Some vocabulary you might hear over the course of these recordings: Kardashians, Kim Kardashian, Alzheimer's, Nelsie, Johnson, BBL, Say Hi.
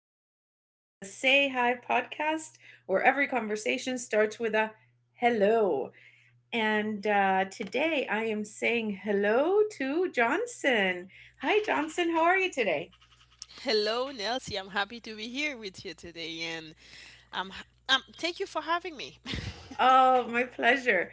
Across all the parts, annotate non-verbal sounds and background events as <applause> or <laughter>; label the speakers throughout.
Speaker 1: Nelsie, and this is the Say Hi podcast, where every conversation starts with a hello. And Today I am saying hello to Johnson. Hi, Johnson. How are you today?
Speaker 2: Hello, Nelsie. I'm happy to be here with you today, and um, thank you for having me.
Speaker 1: Oh, my pleasure.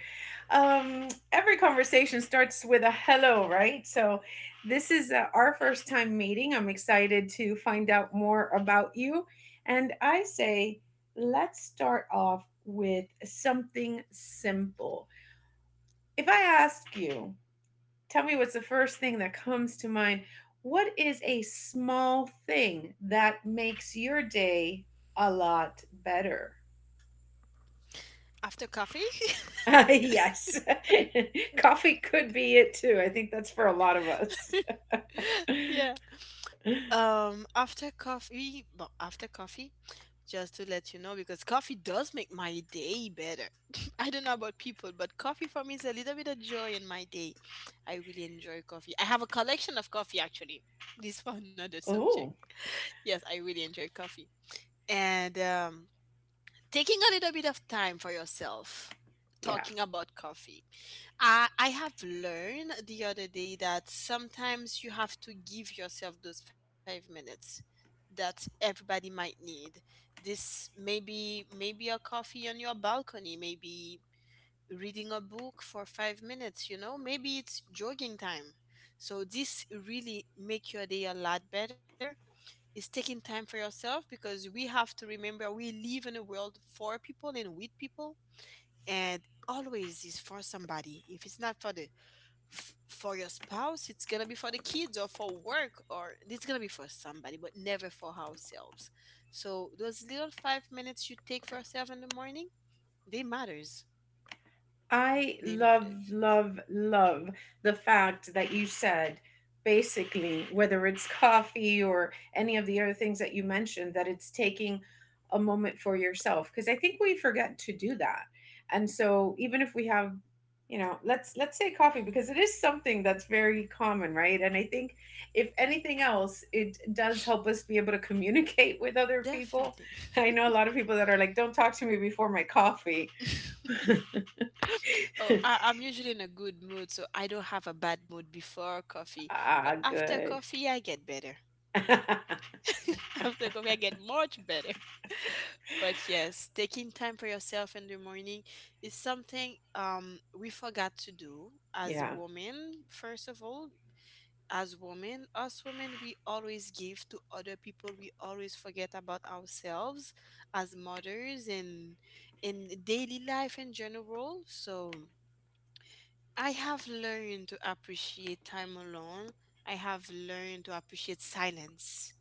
Speaker 1: Every conversation starts with a hello, right? So, this is our first time meeting. I'm excited to find out more about you. And I say, let's start off with something simple. If I ask you, tell me what's the first thing that comes to mind. What is a small thing that makes your day a lot better?
Speaker 2: <laughs> After coffee,
Speaker 1: Yes. <laughs> Coffee could be it too. I think that's for a lot of us.
Speaker 2: <laughs> yeah.
Speaker 1: <laughs>
Speaker 2: After coffee, just to let you know, because coffee does make my day better. <laughs> I don't know about people, but coffee for me is a little bit of joy in my day. I really enjoy coffee. I have a collection of coffee actually. This <laughs> for another subject.
Speaker 1: Oh,
Speaker 2: Yes, I really enjoy coffee, and taking a little bit of time for yourself,
Speaker 1: yeah.
Speaker 2: talking about coffee. I have learned the other day that sometimes you have to give yourself those 5 minutes that everybody might need. This maybe a coffee on your balcony, maybe reading a book for 5 minutes, maybe it's jogging time. So this really make your day a lot better is taking time for yourself, because we have to remember we live in a world for people and with people, and always is for somebody. If it's not for the for your spouse, it's gonna be for the kids, or for work, or it's gonna be for somebody, but never for ourselves. So those little 5 minutes you take for yourself in the morning, they matters.
Speaker 1: I
Speaker 2: They
Speaker 1: love,
Speaker 2: matters.
Speaker 1: love, love the fact that you said basically, whether it's coffee or any of the other things that you mentioned, that it's taking a moment for yourself. Because I think we forget to do that. And so, even if we have, let's say coffee, because it is something that's very common, right? And I think, if anything else, it does help us be able to communicate <laughs> with other people.
Speaker 2: Definitely.
Speaker 1: I know a lot of people that are like, don't talk to me before my coffee.
Speaker 2: <laughs> Oh,
Speaker 1: <laughs>
Speaker 2: I'm usually in a good mood, so I don't have a bad mood before coffee. But
Speaker 1: Ah,
Speaker 2: after
Speaker 1: good.
Speaker 2: coffee, I get better.
Speaker 1: <laughs>
Speaker 2: <laughs> After coffee, I get much better. <laughs> But yes, taking time for yourself in the morning is something we forgot to do as
Speaker 1: Yeah,
Speaker 2: women, first of all. As women, us women, we always give to other people. We always forget about ourselves as mothers and in daily life in general. So I have learned to appreciate time alone. I have learned to appreciate silence,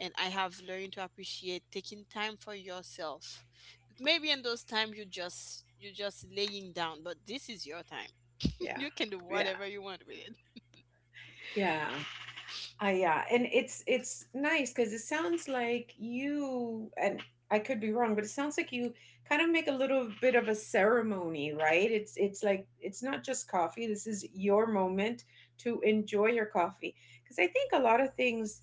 Speaker 2: and I have learned to appreciate taking time for yourself. Maybe in those times, you're just laying down, but this is your time. <laughs>
Speaker 1: yeah,
Speaker 2: You can do
Speaker 1: yeah,
Speaker 2: whatever you want with it.
Speaker 1: yeah. I yeah, and it's nice because it sounds like you, and I could be wrong, but it sounds like you kind of make a little bit of a ceremony, right? It's like it's not just coffee. This is your moment to enjoy your coffee, because I think a lot of things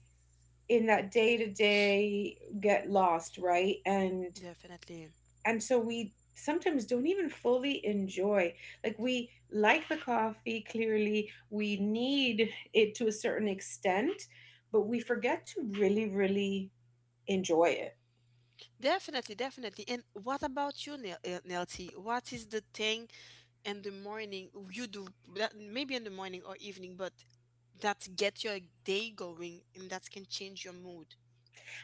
Speaker 1: in that day to day get lost, right?
Speaker 2: Definitely.
Speaker 1: And so we sometimes don't even fully enjoy, like, we like the coffee, clearly we need it to a certain extent, but we forget to really, really enjoy it.
Speaker 2: Definitely, definitely. And what about you, Nelty? What is the thing in the morning you do that maybe in the morning or evening, but that get your day going and that can change your mood?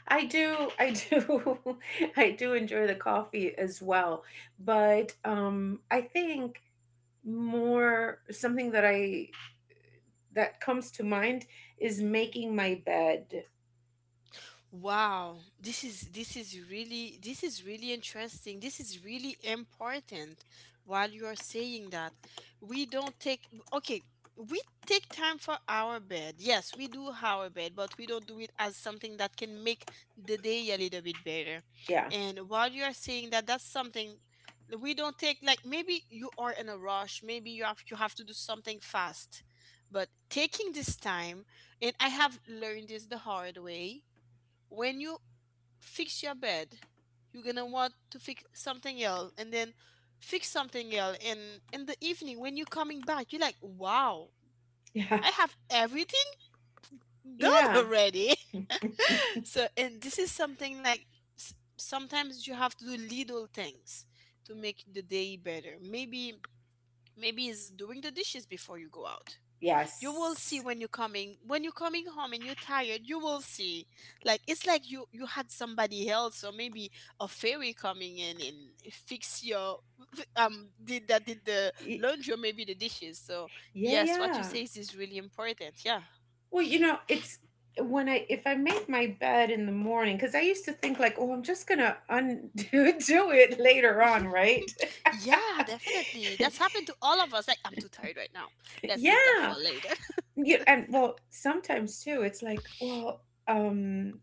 Speaker 1: I do <laughs> I do enjoy the coffee as well, but I think more something that I that comes to mind is making my bed.
Speaker 2: Wow, this is really interesting. This is really important while you are saying that. We don't take. Okay, we take time for our bed. Yes, we do our bed, but we don't do it as something that can make the day a little bit better.
Speaker 1: Yeah,
Speaker 2: And while you are saying that, that's something that we don't take, like maybe you are in a rush, maybe you have to do something fast. But taking this time, and I have learned this the hard way, when you fix your bed, you're gonna want to fix something else, and then fix something else, and in the evening when you're coming back, you're like, wow,
Speaker 1: yeah.
Speaker 2: I have everything
Speaker 1: <laughs>
Speaker 2: done
Speaker 1: Yeah.
Speaker 2: already. <laughs> So and this is something like, sometimes you have to do little things to make the day better, Maybe it's doing the dishes before you go out. You will see,
Speaker 1: Yes.
Speaker 2: when you're coming home and you're tired, you will see, like it's like you had somebody else, or maybe a fairy coming in and fix your did that did the
Speaker 1: Y-
Speaker 2: laundry, or maybe the dishes. So
Speaker 1: yeah,
Speaker 2: yes, what you
Speaker 1: yeah.
Speaker 2: say is really important, yeah.
Speaker 1: Well, you know, it's, when I, if I make my bed in the morning, because I used to think like, oh, I'm just gonna undo <laughs> do it later on,
Speaker 2: <laughs>
Speaker 1: right?
Speaker 2: Yeah, definitely, that's
Speaker 1: <laughs>
Speaker 2: happened to all of us, like I'm too tired right now, let's leave that for
Speaker 1: Yeah,
Speaker 2: later.
Speaker 1: yeah, and well, sometimes too, it's like, well, um,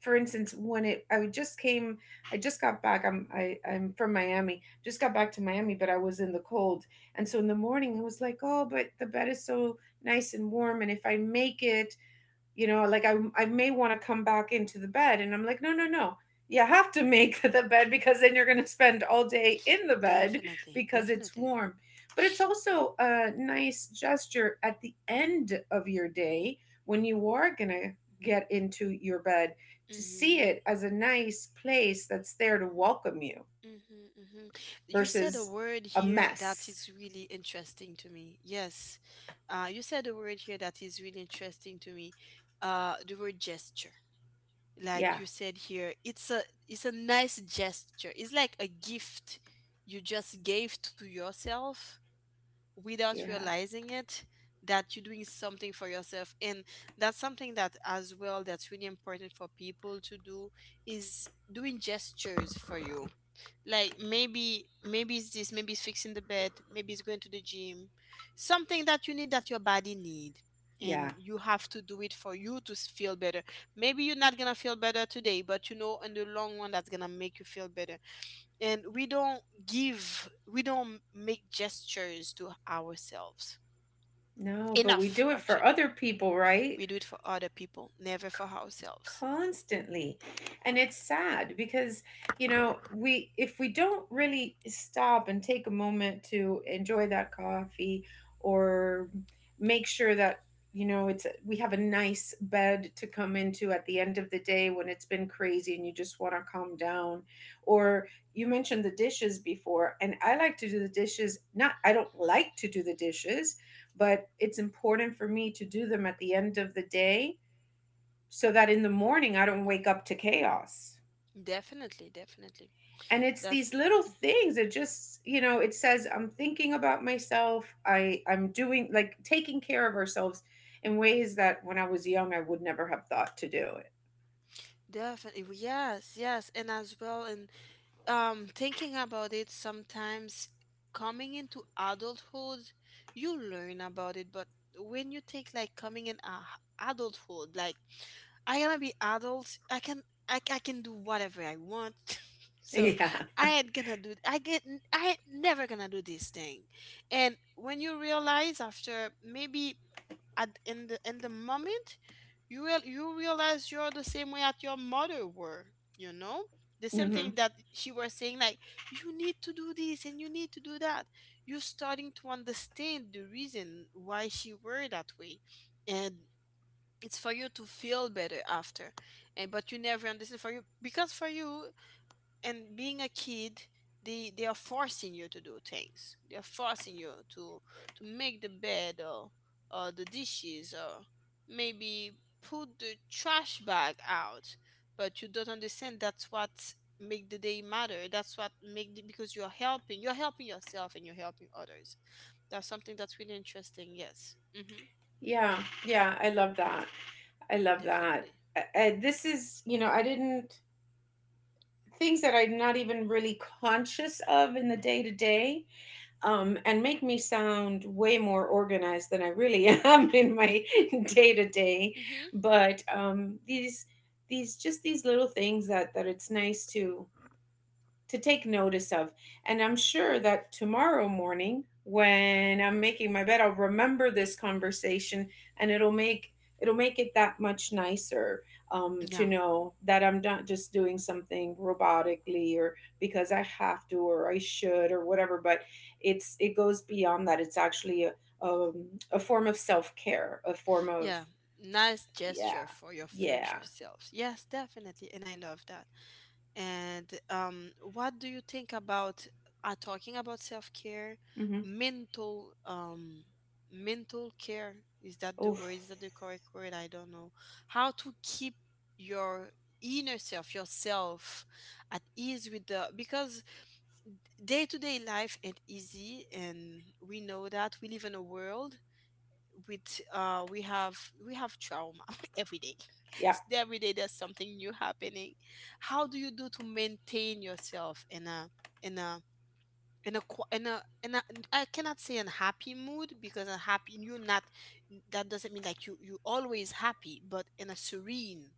Speaker 1: for instance, when it I just came, I just got back. I'm from Miami. Just got back to Miami, but I was in the cold, and so in the morning I was like, oh, but the bed is so nice and warm, and if I make it, I may want to come back into the bed, and I'm like, no, no, no, you have to make <laughs> the bed, because then you're going to spend all day in the
Speaker 2: <laughs>
Speaker 1: bed
Speaker 2: Definitely,
Speaker 1: because it's
Speaker 2: definitely.
Speaker 1: warm. But it's also a nice gesture at the end of your day, when you are going to get into your bed, to see
Speaker 2: Mhm,
Speaker 1: it as a nice place that's there to welcome you
Speaker 2: mhm, mhm.
Speaker 1: versus a
Speaker 2: You said a
Speaker 1: mess.
Speaker 2: word here that is really interesting to me. Yes. You said a word here that is really interesting to me. The word gesture.
Speaker 1: Yeah,
Speaker 2: Like you said here, it's a nice gesture. It's like a gift you just gave to yourself without
Speaker 1: yeah,
Speaker 2: realizing it, that you're doing something for yourself. And that's something that, as well, that's really important for people to do is doing gestures for you, like maybe it's this, maybe it's fixing the bed, maybe it's going to the gym, something that you need, that your body need.
Speaker 1: yeah.
Speaker 2: And you have to do it for you to feel better. Maybe you're not gonna feel better today, but in the long run, that's gonna make you feel better. And we don't make gestures to ourselves
Speaker 1: No, but we
Speaker 2: enough,
Speaker 1: do it for
Speaker 2: actually.
Speaker 1: other people, right?
Speaker 2: We do it for other people, never for ourselves.
Speaker 1: Constantly. And it's sad because, you know, we, if we don't really stop and take a moment to enjoy that coffee, or make sure that, you know, it's, we have a nice bed to come into at the end of the day when it's been crazy and you just want to calm down, or you mentioned the dishes before, and I like to do the dishes, not, I don't like to do the dishes, but it's important for me to do them at the end of the day, so that in the morning I don't wake up to chaos.
Speaker 2: Definitely, definitely.
Speaker 1: And it's
Speaker 2: That's.
Speaker 1: these little
Speaker 2: Mhm.
Speaker 1: things. It just, you know, it says I'm thinking about myself. I'm doing, like, taking care of ourselves in ways that when I was young I would never have thought to do
Speaker 2: Definitely, yes, yes, and as well, and thinking about it, sometimes coming into adulthood you learn about it, but when you think, like, coming in adulthood, like, I gonna be adult, I can, I can do whatever I want. <laughs> So
Speaker 1: it. <laughs> Yeah.
Speaker 2: i ain't gonna do i get I ain't never gonna do this thing. And when you realize after, maybe at in the moment, you real you realize you're the same way that your mother were, you know the same
Speaker 1: Hmm.
Speaker 2: thing that she was saying, like, you need to do this and you need to do that. You're starting to understand the reason why she were that way. And it's for you to feel better after, and but you never understand for you, because for you, and being a kid, they are forcing you to do things, they are forcing you to make the bed, or the dishes, or maybe put the trash bag out. But you don't understand, that's what make the day matter, that's what make the, because you're helping yourself, and you're helping others. That's something that's really interesting, yes. Mm-hmm.
Speaker 1: Yeah. Yeah. I love that. I love that.
Speaker 2: Definitely.
Speaker 1: This is, you know, I didn't things that I'm not even really conscious of in the day to day, and make me sound way more organized than I really <laughs> am in my <laughs> day to day.
Speaker 2: Mm-hmm.
Speaker 1: But these just, these little things that, that it's nice to take notice of. And I'm sure that tomorrow morning, when I'm making my bed, I'll remember this conversation, and it'll make, it'll make it that much nicer, to
Speaker 2: Yeah,
Speaker 1: know that I'm not just doing something robotically, or because I have to, or I should, or whatever. But it's, it goes beyond that. It's actually um, a form of self care, a form of,
Speaker 2: yeah, nice
Speaker 1: yeah,
Speaker 2: gesture for your
Speaker 1: yeah.
Speaker 2: future selves, yes, definitely, and I love that. And what do you think about talking about self-care,
Speaker 1: Mm-hmm.
Speaker 2: mental um, mental care? Is that the
Speaker 1: Oof.
Speaker 2: word? Is that the correct word? I don't know. How to keep your inner self, yourself, at ease with the because day-to-day life ain't easy, and we know that we live in a world with we have trauma <laughs> every day.
Speaker 1: Yeah.
Speaker 2: <laughs> Every day there's something new happening. How do you do to maintain yourself in a in a in a qu- in a I cannot say unhappy mood, because unhappy you're not, that doesn't mean like you always happy, but in a serene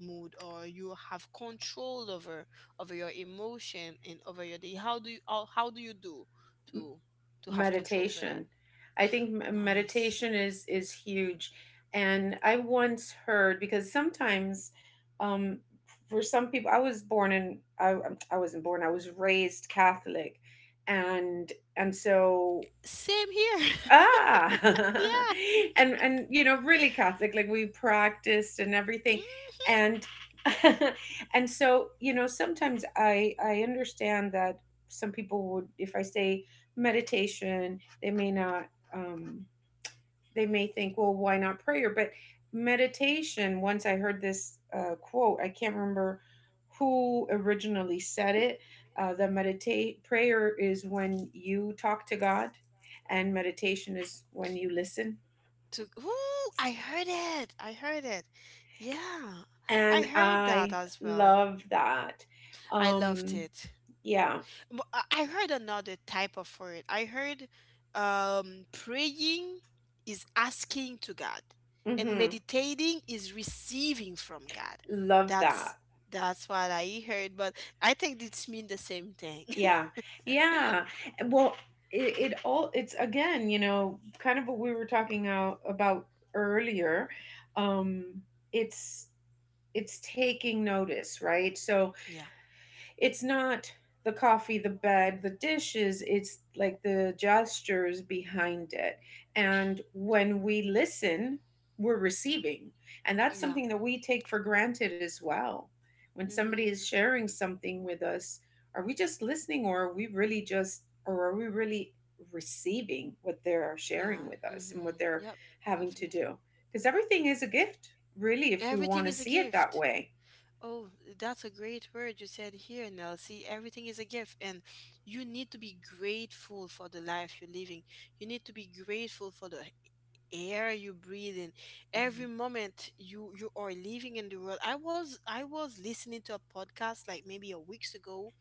Speaker 2: mood, or you have control over your emotion, and over your day. How do you do to to have control over that?
Speaker 1: Meditation. I think
Speaker 2: Nice.
Speaker 1: meditation is huge. And I once heard, because sometimes, um, for some people, I wasn't born. I was raised Catholic, and so,
Speaker 2: Same here. <laughs>
Speaker 1: ah,
Speaker 2: Yeah.
Speaker 1: <laughs> and you know, really Catholic, like we practiced and everything,
Speaker 2: Mhm.
Speaker 1: and <laughs> and so, you know, sometimes I understand that some people would, if I say meditation, they may not they may think, well, why not prayer? But meditation, once I heard this quote, I can't remember who originally said it. The meditate prayer is when you talk to God, and meditation is when you listen.
Speaker 2: To Ooh, I heard it. I heard it. Yeah, I
Speaker 1: And
Speaker 2: heard that
Speaker 1: I
Speaker 2: as well.
Speaker 1: love that.
Speaker 2: I loved
Speaker 1: Um,
Speaker 2: it.
Speaker 1: yeah.
Speaker 2: But I heard another type of word. I heard praying is asking to God, and
Speaker 1: Hmm.
Speaker 2: meditating is receiving from God.
Speaker 1: Love
Speaker 2: That's
Speaker 1: that.
Speaker 2: that's what I heard. But I think it's mean the same thing. <laughs>
Speaker 1: Yeah. Yeah. Well, it's again, you know, kind of what we were talking out about earlier. Um it's it's taking notice, right? So
Speaker 2: Yeah.
Speaker 1: it's not the coffee, the bed, the dishes, it's like the gestures behind it. And when we listen, we're receiving. And that's
Speaker 2: Yeah.
Speaker 1: something that we take for granted as well. When somebody is
Speaker 2: Mhm.
Speaker 1: sharing something with us, are we just listening, or are we really just, or are we really receiving what they're sharing
Speaker 2: Yeah.
Speaker 1: with us and what
Speaker 2: Mhm.
Speaker 1: they're
Speaker 2: Yep.
Speaker 1: having to
Speaker 2: Definitely.
Speaker 1: do? Because everything is a gift, really, if we want
Speaker 2: Everything
Speaker 1: to
Speaker 2: is a
Speaker 1: see it that
Speaker 2: gift.
Speaker 1: way.
Speaker 2: Oh, that's a great word you said here, Nelsie. Everything is a gift, and you need to be grateful for the life you're living. You need to be grateful for the air you breathe in.
Speaker 1: Mhm.
Speaker 2: Every moment you are living in the world. I was listening to a podcast like maybe a weeks ago.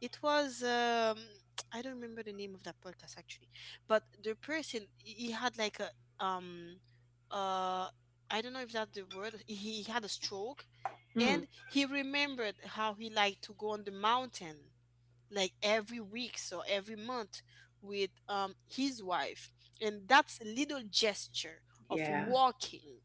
Speaker 2: It was <tsk> I don't remember the name of that podcast actually, but the person, he had like a, um uh I don't know if that's the word. He had a stroke,
Speaker 1: Hmm.
Speaker 2: and he remembered how he liked to go on the mountain like every week or every month, with his wife, and that's a little gesture of
Speaker 1: Yeah.
Speaker 2: walking,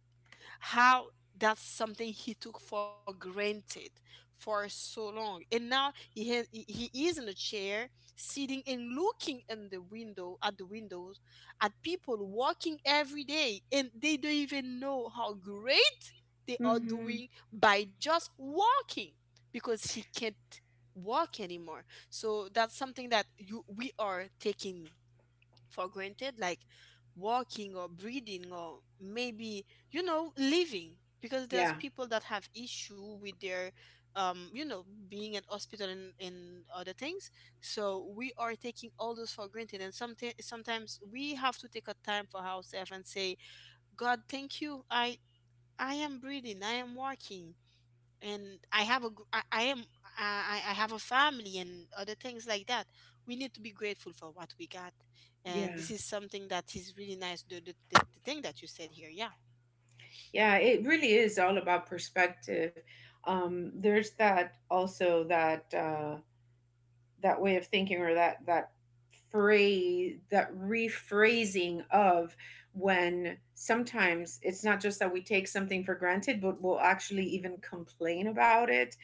Speaker 2: how that's something he took for granted for so long, and now he is in a chair, sitting and looking in the window, at the windows, at people walking every day, and they don't even know how great they are
Speaker 1: Hmm.
Speaker 2: doing by just walking, because he can't walk anymore. So that's something that you we are taking for granted, like walking or breathing, or maybe, living. Because
Speaker 1: Yeah,
Speaker 2: there's people that have issue with their, being at hospital, and other things. So we are taking all those for granted, and sometimes we have to take a time for ourselves and say, God, thank you. I am breathing, I am working, and I have a gr- I am I have a family and other things like that. We need to be grateful for what we got, and
Speaker 1: yeah.
Speaker 2: this is something that is really nice. The thing that you said here, yeah.
Speaker 1: Yeah, it really is all about perspective. There's that also that that way of thinking, or that that phrase, that rephrasing of, when sometimes it's not just that we take something for granted, but we'll actually even complain about it.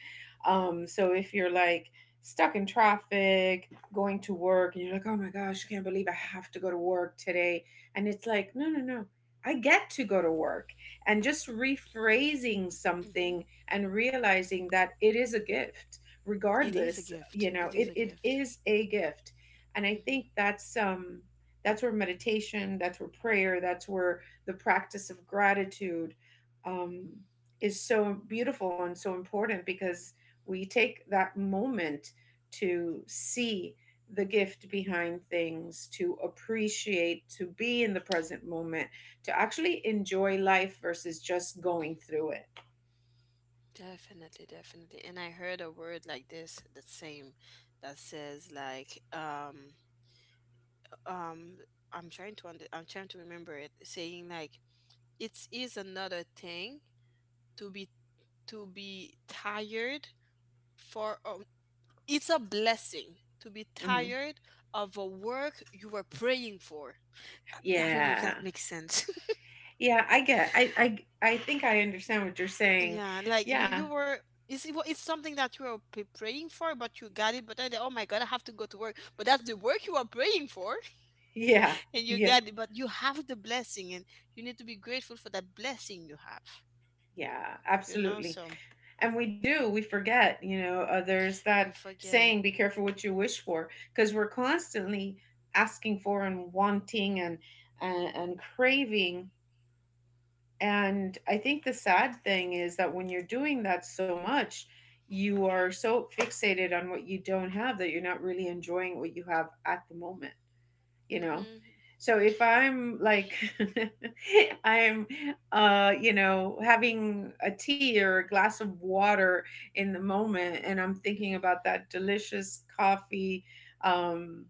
Speaker 1: So if you're like stuck in traffic going to work, and you're like, oh my gosh, I can't believe I have to go to work today, and it's like, no, no, no, I get to go to work. And just rephrasing
Speaker 2: Mm-hmm.
Speaker 1: something and realizing that it is a gift,
Speaker 2: It is a
Speaker 1: regardless, you
Speaker 2: gift.
Speaker 1: know,
Speaker 2: It is
Speaker 1: it
Speaker 2: a
Speaker 1: it
Speaker 2: gift.
Speaker 1: is a gift. And I think
Speaker 2: Mm-hmm.
Speaker 1: that's where meditation, that's where prayer, that's where the practice of gratitude, um is so beautiful and so important, because we take that moment to see the gift behind things, to appreciate, to be in the present moment, to actually enjoy life versus just going through it.
Speaker 2: Definitely, definitely. And I heard a word like this, the same, that says like, um, I'm trying to remember it, saying like, it is another thing to be to be tired for it's a blessing to be
Speaker 1: Mhm.
Speaker 2: tired of a work you were praying for. I, I don't know if that
Speaker 1: Yeah.
Speaker 2: makes sense.
Speaker 1: Yeah, I get, I think I understand what you're
Speaker 2: <laughs>
Speaker 1: saying.
Speaker 2: Yeah, like you
Speaker 1: Yeah.
Speaker 2: you were it's, it's something that you were praying for, but you got it. But then, oh my God, I have to go to work. But that's the work you are praying for,
Speaker 1: Yeah.
Speaker 2: <laughs> and
Speaker 1: <laughs>
Speaker 2: you
Speaker 1: Yeah.
Speaker 2: got it. But you have the blessing, and you need to be grateful for that blessing you have.
Speaker 1: Yeah,
Speaker 2: You know,
Speaker 1: absolutely.
Speaker 2: so
Speaker 1: And we do, we forget, you know, there's that
Speaker 2: we
Speaker 1: saying,
Speaker 2: forget.
Speaker 1: be careful what you wish for, because we're constantly asking for and wanting, and and craving. And I think the sad thing is that when you're doing that so much, you are so fixated on what you don't have that you're not really enjoying what you have at the moment, you
Speaker 2: hmm
Speaker 1: know?
Speaker 2: hmm
Speaker 1: So if I'm like, <laughs> I'm, you know, having a tea or a glass of water in the moment, and I'm thinking about that delicious coffee, um,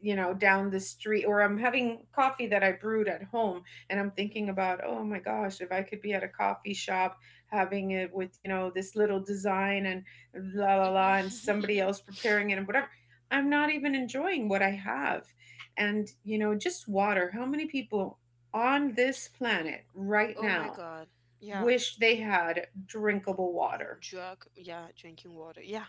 Speaker 1: you know, down the street, or I'm having coffee that I brewed at home, and I'm
Speaker 2: hmm
Speaker 1: thinking about, oh my gosh, if I could be at a coffee shop, having it with, you know, this little design and la la la, and somebody
Speaker 2: hmm
Speaker 1: else preparing it, and whatever, I'm not even enjoying what I have. And, you know, just water, how many people on this planet
Speaker 2: <laughs>
Speaker 1: right
Speaker 2: oh my
Speaker 1: now
Speaker 2: God. Yeah.
Speaker 1: wish they had drinkable water.
Speaker 2: drug Yeah, drinking water, yeah.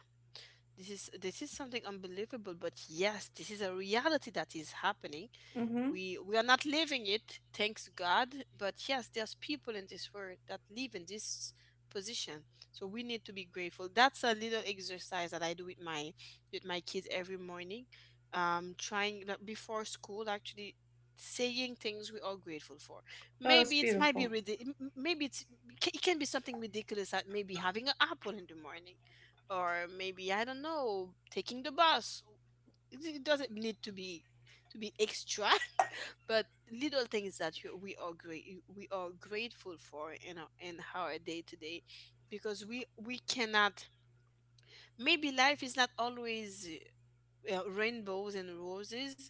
Speaker 2: This is something unbelievable, but yes, this is a reality that is happening.
Speaker 1: Mm, mhm.
Speaker 2: We are not living it, thanks God, but yes, there's people in this world that live in this position. So we need to be grateful. That's a little exercise that I do with my kids every morning, trying, like, before school, actually, saying things we are grateful for.
Speaker 1: Oh, that's
Speaker 2: Maybe it's might be
Speaker 1: beautiful.
Speaker 2: maybe it's, it can be something ridiculous, that maybe having an apple in the morning, or maybe I don't know, taking the bus. It doesn't need to be extra, but little things that we are great, we are grateful for in in our day to day. Because we cannot, maybe life is not always rainbows and roses,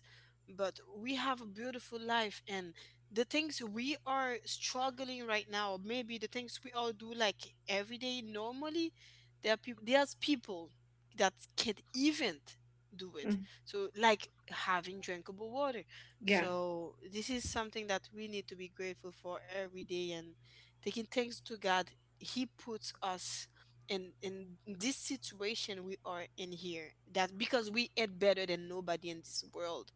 Speaker 2: but we have a beautiful life. And the things we are struggling right now, maybe the things we all do like every day normally, there's people that can't even do it.
Speaker 1: Mm,
Speaker 2: So like having drinkable water.
Speaker 1: yeah.
Speaker 2: So this is something that we need to be grateful for every day, and taking thanks to God. He puts us in this situation we are in here, that because we ain't better than nobody in this world.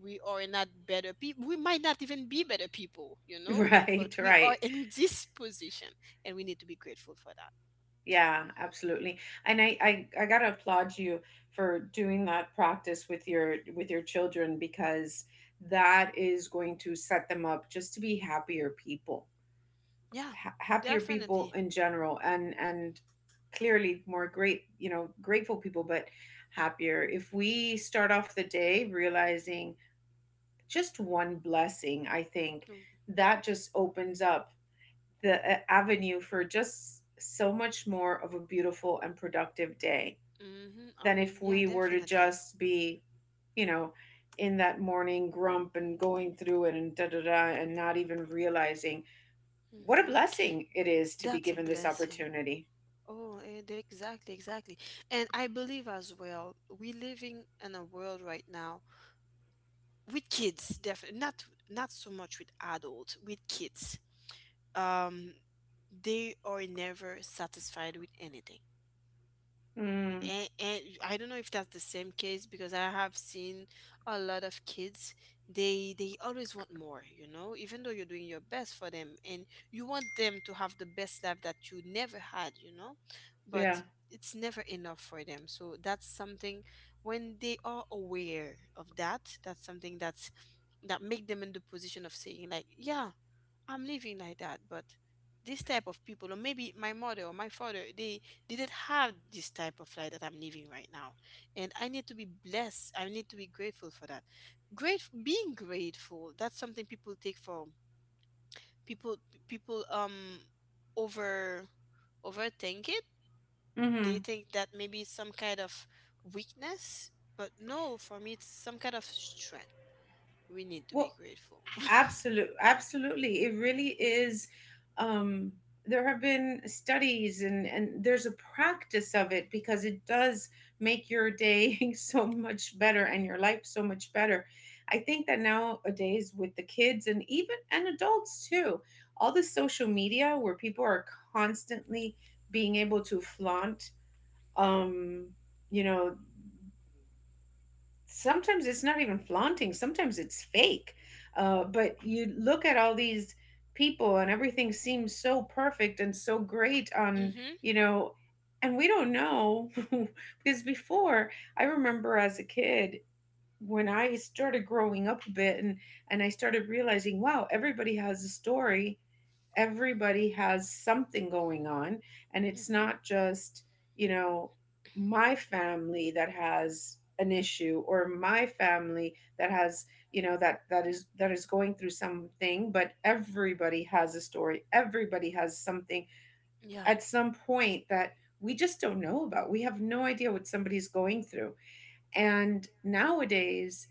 Speaker 2: We are not better people, we might not even be better people, you
Speaker 1: <laughs>
Speaker 2: know,
Speaker 1: Right,
Speaker 2: but we
Speaker 1: right.
Speaker 2: are in <laughs> this position, and we need to be grateful for that.
Speaker 1: Yeah, absolutely. And I gotta applaud you for doing that practice with your, with your children, because that is going to set them up just to be happier people,
Speaker 2: Yeah,
Speaker 1: happier people
Speaker 2: definitely.
Speaker 1: in general, and clearly more great, you know, grateful people, but happier. If we start off the day realizing just one blessing, I think
Speaker 2: Mm-hmm.
Speaker 1: that just opens up the avenue for just so much more of a beautiful and productive day,
Speaker 2: Mm-hmm.
Speaker 1: than
Speaker 2: Amen.
Speaker 1: if
Speaker 2: Yeah,
Speaker 1: we were to
Speaker 2: definitely.
Speaker 1: just be, you know, in that morning grump and going through it and da da da, and not even realizing what a
Speaker 2: Hmm.
Speaker 1: blessing it is to be
Speaker 2: That's a
Speaker 1: given this
Speaker 2: blessing.
Speaker 1: opportunity.
Speaker 2: Exactly, exactly. And I believe as well, we living in a world right now with kids, definitely not, not so much with adults, with kids, um, they are never satisfied with anything.
Speaker 1: Mm,
Speaker 2: And I don't know if that's the same case, because I have seen a lot of kids, they always want more, you know, even though you're doing your best for them, and you want them to have the best life that you never had, you know,
Speaker 1: yeah.
Speaker 2: but it's never enough for them. So that's something, when they are aware of that, that's something that's, that make them in the position of saying like, yeah, I'm living like that, but this type of people, or maybe my mother or my father, they didn't have this type of life that I'm living right now. And I need to be blessed. I need to be grateful for that. Great being grateful, that's something people take for, people, people um over, overthink it. They
Speaker 1: Hmm.
Speaker 2: think that maybe it's some kind of weakness. But no, for me it's some kind of strength. We need to be
Speaker 1: Well,
Speaker 2: grateful. <laughs>
Speaker 1: absolutely, absolutely. It really is. Um, there have been studies, and there's a practice of it because it does make your day <laughs> so much better and your life so much better. I think that nowadays with the kids and even and adults too, all the social media where people are constantly being able to flaunt, um, you know sometimes it's not even flaunting, sometimes it's fake, but you look at all these people and everything seems so perfect and so great on,
Speaker 2: Mm-hmm.
Speaker 1: you know and we don't know. <laughs> Because before, I remember as a kid, when I started growing up a bit, and I started realizing, wow, everybody has a story, everybody has something going on, and it's
Speaker 2: Mm-hmm.
Speaker 1: not just, you know my family that has an issue, or my family that has, that is, that is going through something. But everybody has a story, everybody has something
Speaker 2: Yeah.
Speaker 1: at some point that we just don't know about. We have no idea what somebody's going through. And nowadays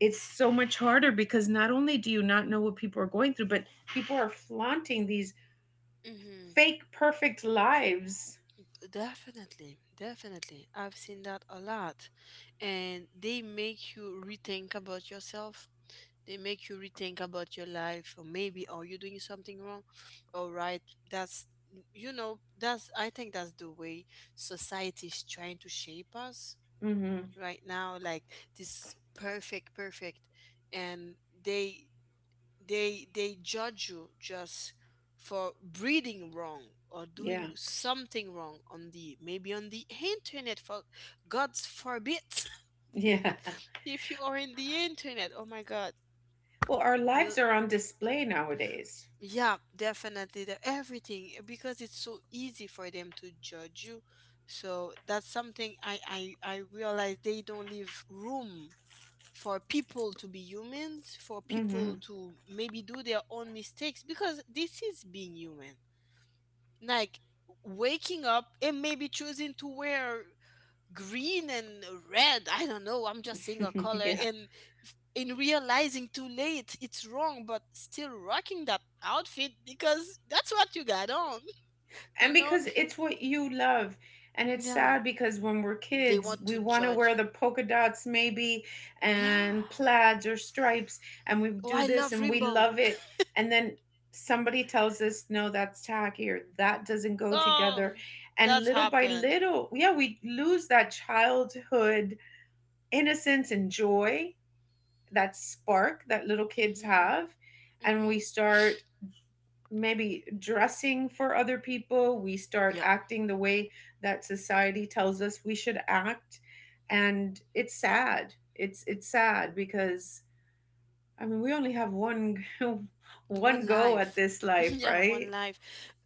Speaker 1: it's so much harder because not only do you not know what people are going through, but people are flaunting these
Speaker 2: Mm-hmm.
Speaker 1: fake perfect lives.
Speaker 2: Definitely. Definitely. I've seen that a lot. And they make you rethink about yourself. They make you rethink about your life, or maybe are you doing something wrong? All right. That's you know, that's I think that's the way society is trying to shape us
Speaker 1: Hmm.
Speaker 2: right now, like this perfect, and they they they judge you just for breathing wrong, or doing
Speaker 1: Yeah. <laughs>
Speaker 2: something wrong on the, maybe on the internet, for God's forbid.
Speaker 1: Yeah.
Speaker 2: <laughs> If you are in the internet, oh my God.
Speaker 1: Well, our
Speaker 2: You
Speaker 1: lives are on display nowadays.
Speaker 2: Yeah, definitely, everything, because it's so easy for them to judge you. So that's something I realize, they don't leave room for people to be humans, for people
Speaker 1: Hmm.
Speaker 2: to maybe do their own mistakes, because this is being human, like waking up and maybe choosing to wear green and red, I don't know, I'm just saying a
Speaker 1: <laughs>
Speaker 2: color,
Speaker 1: Yeah.
Speaker 2: and in realizing too late it's wrong, but still rocking that outfit because that's what you got on. <laughs> You
Speaker 1: And
Speaker 2: know.
Speaker 1: because it's what you love. And it's
Speaker 2: Yeah,
Speaker 1: sad because when we're
Speaker 2: they
Speaker 1: kids,
Speaker 2: want
Speaker 1: we
Speaker 2: to
Speaker 1: want to
Speaker 2: judge
Speaker 1: wear
Speaker 2: you.
Speaker 1: the polka dots, maybe, and
Speaker 2: Yeah.
Speaker 1: plaids or stripes, and we
Speaker 2: Oh,
Speaker 1: do
Speaker 2: I
Speaker 1: this
Speaker 2: love
Speaker 1: and we
Speaker 2: rainbow.
Speaker 1: love it. And then somebody tells us, no, that's tacky, or that doesn't
Speaker 2: <laughs>
Speaker 1: go
Speaker 2: Oh,
Speaker 1: together. And
Speaker 2: that's
Speaker 1: little by
Speaker 2: happened.
Speaker 1: little, yeah, we lose that childhood innocence and joy, that spark that little kids
Speaker 2: Mm-hmm.
Speaker 1: have, and we
Speaker 2: Mm-hmm.
Speaker 1: start maybe dressing for other people, we start
Speaker 2: Yeah,
Speaker 1: acting the way that society tells us we should act, and it's sad. It's sad because I mean we only have one <laughs>
Speaker 2: one
Speaker 1: one go
Speaker 2: life.
Speaker 1: at this
Speaker 2: <laughs>
Speaker 1: life,
Speaker 2: Yeah, one
Speaker 1: right?
Speaker 2: life.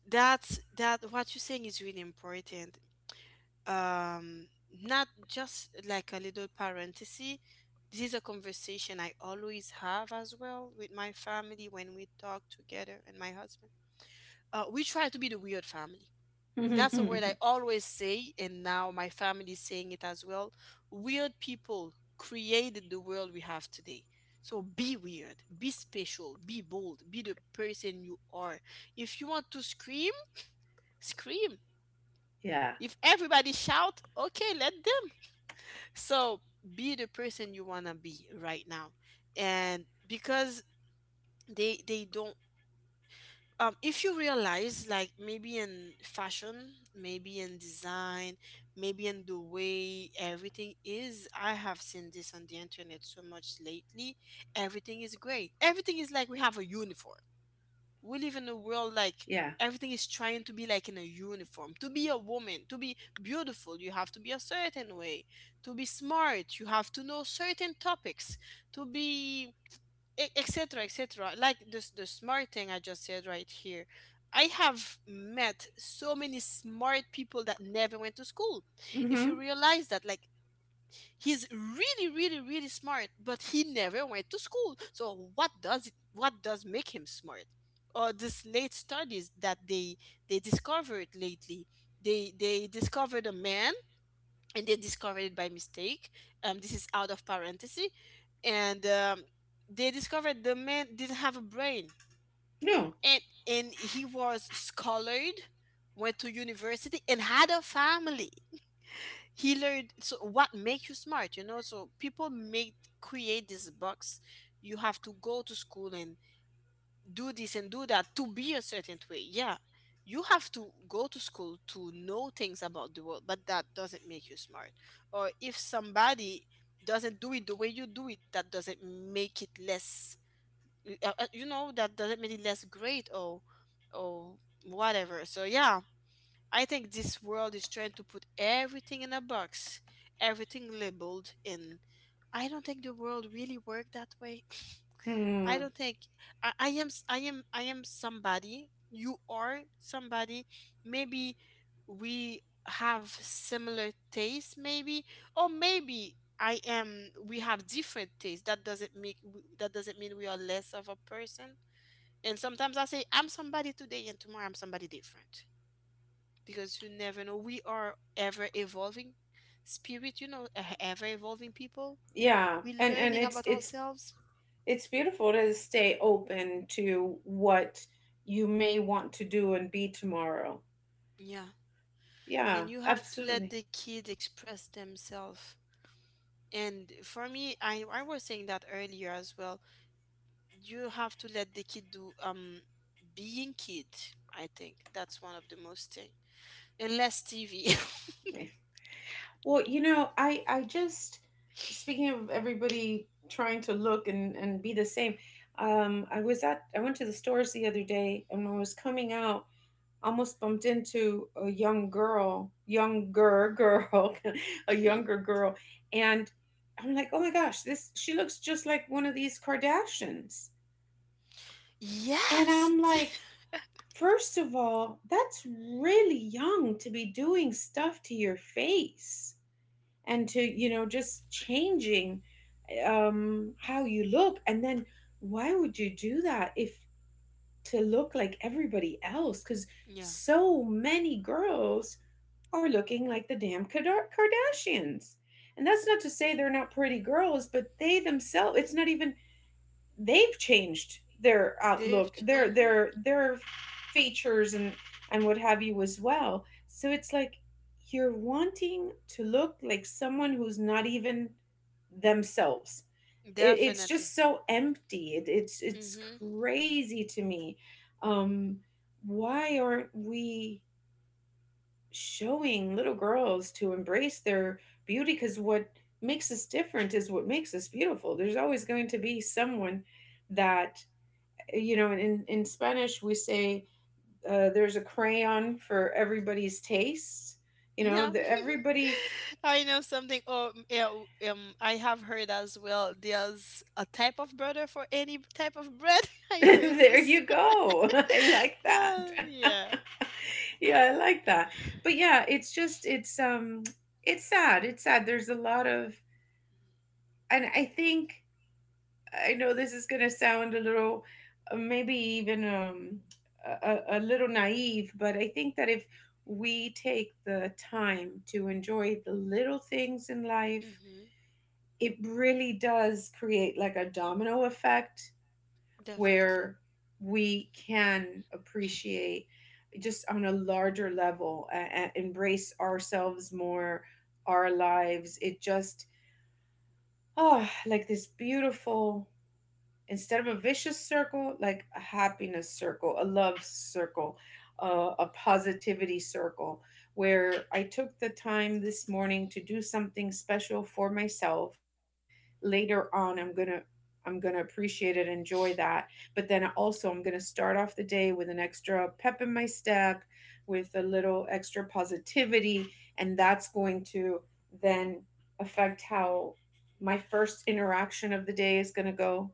Speaker 2: That's, that what you're saying is really important. um Not just like a little parenthesis, this is a conversation I always have as well with my family when we talk together, and my husband, we try to be the weird family.
Speaker 1: <laughs>
Speaker 2: That's a
Speaker 1: Yeah.
Speaker 2: word I always say, and now my family is saying it as well. Weird people created the world we have today. So be weird, be special, be bold, be the person you are. If you want to scream, scream. If everybody shout, okay, let them. So be the person you wanna be right now. And because they don't, um, if you realize, like, maybe in fashion, maybe in design, maybe in the way everything is, I have seen this on the internet so much lately. Everything is great. Everything is like we have a uniform, we live in a world like
Speaker 1: Yeah.
Speaker 2: everything is trying to be like in a uniform. To be a woman, to be beautiful, you have to be a certain way. To be smart, you have to know certain topics. To be, etc., etc., like this, the smart thing I just said right here. I have met so many smart people that never went to school. If you
Speaker 1: Mhm.
Speaker 2: realize that, like, he's really smart, but he never went to school, so what does what does make him smart? Or this late studies that they discovered lately, they discovered a man, and they discovered it by mistake. This is out of parenthesis. And They discovered the man didn't have a brain,
Speaker 1: No.
Speaker 2: and and he was scholared, went to university and had a family. He learned. So what make you smart, you know? So people make, create this box, you have to go to school and do this and do that, to be a certain way. Yeah, you have to go to school to know things about the world, but that doesn't make you smart. Or if somebody doesn't do it the way you do it, that doesn't make it less, you know, that doesn't make it less great, or whatever. So yeah, I think this world is trying to put everything in a box, everything labeled, and I don't think the world really worked that way. <laughs> I
Speaker 1: Hmm.
Speaker 2: don't think I am somebody. You are somebody. Maybe we have similar tastes, maybe, or maybe I am. We have different tastes. That doesn't mean we are less of a person. And sometimes I say I'm somebody today, and tomorrow I'm somebody different, because you never know. We are ever evolving spirit, you know, ever evolving people.
Speaker 1: Yeah.
Speaker 2: We're
Speaker 1: And
Speaker 2: learning
Speaker 1: it's
Speaker 2: about
Speaker 1: it's
Speaker 2: ourselves.
Speaker 1: it's beautiful to stay open to what you may want to do and be tomorrow.
Speaker 2: Yeah. And
Speaker 1: Yeah,
Speaker 2: you have to let the
Speaker 1: absolutely.
Speaker 2: kids express themselves. And for me, I was saying that earlier as well. You have to let the kid do being kid. I think that's one of the most thing. And less TV.
Speaker 1: Well, you know, I just speaking of everybody trying to look and be the same. I was at, I went to the stores the other day, and when I was coming out, almost bumped into a young girl, younger girl, <laughs> a
Speaker 2: <laughs> Hmm.
Speaker 1: younger girl, and I'm like, oh my gosh, this, she looks just like one of these Kardashians. And I'm
Speaker 2: Yes.
Speaker 1: like,
Speaker 2: <laughs>
Speaker 1: first of all, that's really young to be doing stuff to your face and to, you know, just changing, how you look. And then why would you do that, if to look like everybody else? Because
Speaker 2: Yeah.
Speaker 1: so many girls are looking like the damn Kada- Kardashians. And that's not to say they're not pretty girls, but they themselves, it's not even, they've changed their outlook,
Speaker 2: They've, ch-,
Speaker 1: their
Speaker 2: mhm.
Speaker 1: their features and what have you as well. So it's like you're wanting to look like someone who's not even themselves. It's just
Speaker 2: Definitely.
Speaker 1: so empty. It's
Speaker 2: Hmm.
Speaker 1: crazy to me. Um, why aren't we showing little girls to embrace their beauty? Because what makes us different is what makes us beautiful. There's always going to be someone that, you know, in Spanish we say, there's a crayon for everybody's taste, you know,
Speaker 2: Yeah,
Speaker 1: everybody.
Speaker 2: <laughs> I know something. Oh, mm, yeah, I have heard as well, there's a type of butter for any type of bread. <laughs>
Speaker 1: <laughs>
Speaker 2: I heard
Speaker 1: There
Speaker 2: this.
Speaker 1: you
Speaker 2: <laughs>
Speaker 1: go. <laughs> I like that.
Speaker 2: Yeah.
Speaker 1: <laughs> Yeah, I like that. But yeah, it's it's sad, it's sad, there's a lot of, and I think I know this is gonna sound a little, maybe even a little naive, but I think that if we take the time to enjoy the little things in life,
Speaker 2: Mm-hmm.
Speaker 1: it really does create like a domino effect
Speaker 2: Definitely.
Speaker 1: where we can appreciate just on a larger level and embrace ourselves more, our lives. It just, oh, like this beautiful, instead of a vicious circle, like a happiness circle, a love circle, a positivity circle, where I took the time this morning to do something special for myself. Later on, I'm gonna appreciate it, enjoy that. But then also, I'm gonna start off the day with an extra pep in my step, with a little extra positivity, and that's going to then affect how my first interaction of the day is gonna go.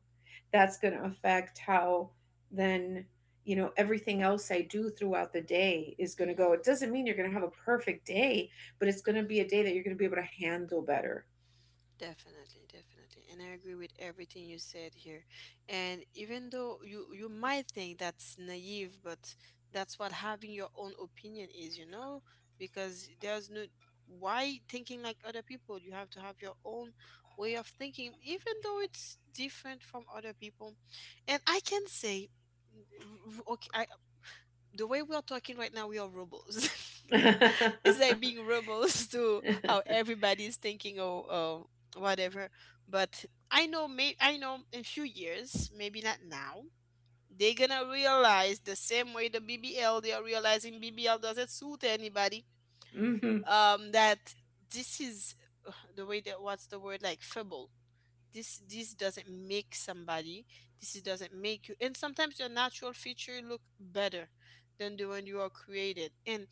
Speaker 1: That's going to affect how then, you know, everything else I do throughout the day is going to go.
Speaker 2: Mm-hmm.
Speaker 1: It doesn't mean you're going to have a perfect day, but it's going to
Speaker 2: Mm-hmm.
Speaker 1: be a day that you're going to be able to handle better.
Speaker 2: Definitely, definitely. And I agree with everything you said here. And even though you might think that's naive, but that's what having your own opinion is, you know? Because there's no why thinking like other people? You have to have your own way of thinking, even though it's different from other people. And I can say, okay, I the way we are talking right now, we are robots. <laughs> It's like
Speaker 1: <laughs>
Speaker 2: being robots. <laughs> To how everybody is thinking, or whatever. But I know, in few years, maybe not now, they're gonna realize, the same way the BBL, they are realizing BBL doesn't suit anybody.
Speaker 1: Hmm.
Speaker 2: That this is <sighs> the way that what's the word like feeble this doesn't make somebody this is- doesn't make you and sometimes your natural feature look better than the one you are created. And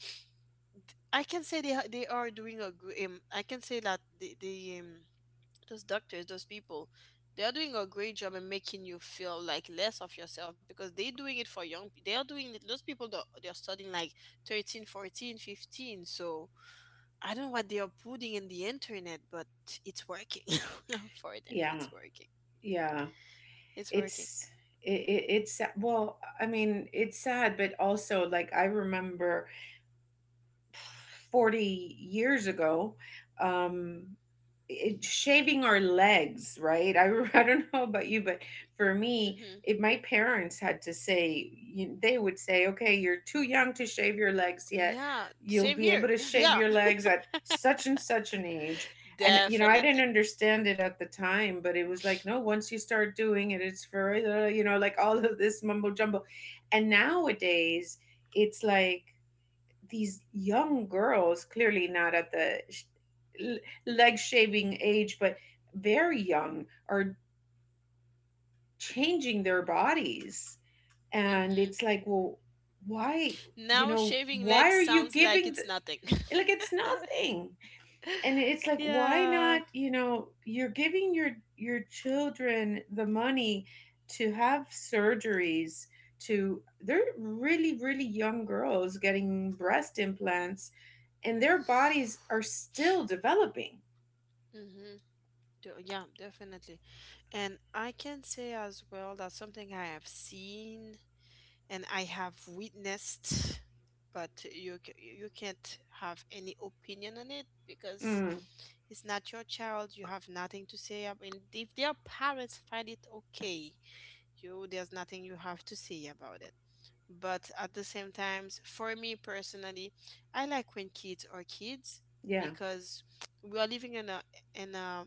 Speaker 2: I can say they are doing a great I can say that the those doctors, those people, they are doing a great job in making you feel like less of yourself because they're doing it for young pe- they are doing it those people that they're studying like 13, 14, 15. So I don't know what they are putting in the internet, but it's working <laughs> for them. It's
Speaker 1: Yeah.
Speaker 2: working.
Speaker 1: Yeah.
Speaker 2: It's working.
Speaker 1: It's it, it, it's well, I mean, it's sad, but also, like, I remember 40 years ago, um, shaving our legs, right? I, <laughs> I don't know about you, but for me,
Speaker 2: Hmm.
Speaker 1: if my parents had to say, you, they would say, okay, you're too young to shave your legs yet.
Speaker 2: Yeah,
Speaker 1: You'll
Speaker 2: same
Speaker 1: be
Speaker 2: here.
Speaker 1: able to
Speaker 2: <laughs>
Speaker 1: shave
Speaker 2: Yeah,
Speaker 1: your legs at such and such an age. And, you know, I
Speaker 2: definitely.
Speaker 1: didn't understand it at the time, but it was like, no, once you start doing it, it's for, you know, like all of this mumbo jumbo. And nowadays, it's like, these young girls, clearly not at the l- leg shaving age, but very young, are changing their bodies. And
Speaker 2: Hmm.
Speaker 1: it's like, well, why, you
Speaker 2: Now
Speaker 1: know,
Speaker 2: shaving
Speaker 1: why
Speaker 2: legs
Speaker 1: are you
Speaker 2: sounds like
Speaker 1: giving
Speaker 2: it's
Speaker 1: the,
Speaker 2: nothing.
Speaker 1: like it's nothing. And it's
Speaker 2: <laughs>
Speaker 1: like, why
Speaker 2: Yeah.
Speaker 1: not, you know, you're giving your children the money to have surgeries to, they're really really young girls getting breast implants, and their bodies are still developing.
Speaker 2: Mm-hmm. Yeah, definitely. And I can say as well that something I have seen and I have witnessed, but you c- you can't have any opinion on it because
Speaker 1: Mm,
Speaker 2: it's not your child. You have nothing to say. I mean, if their parents find it okay, you there's nothing you have to say about it. But at the same times, for me personally, I like when kids are kids
Speaker 1: yeah.
Speaker 2: because we are living in a in a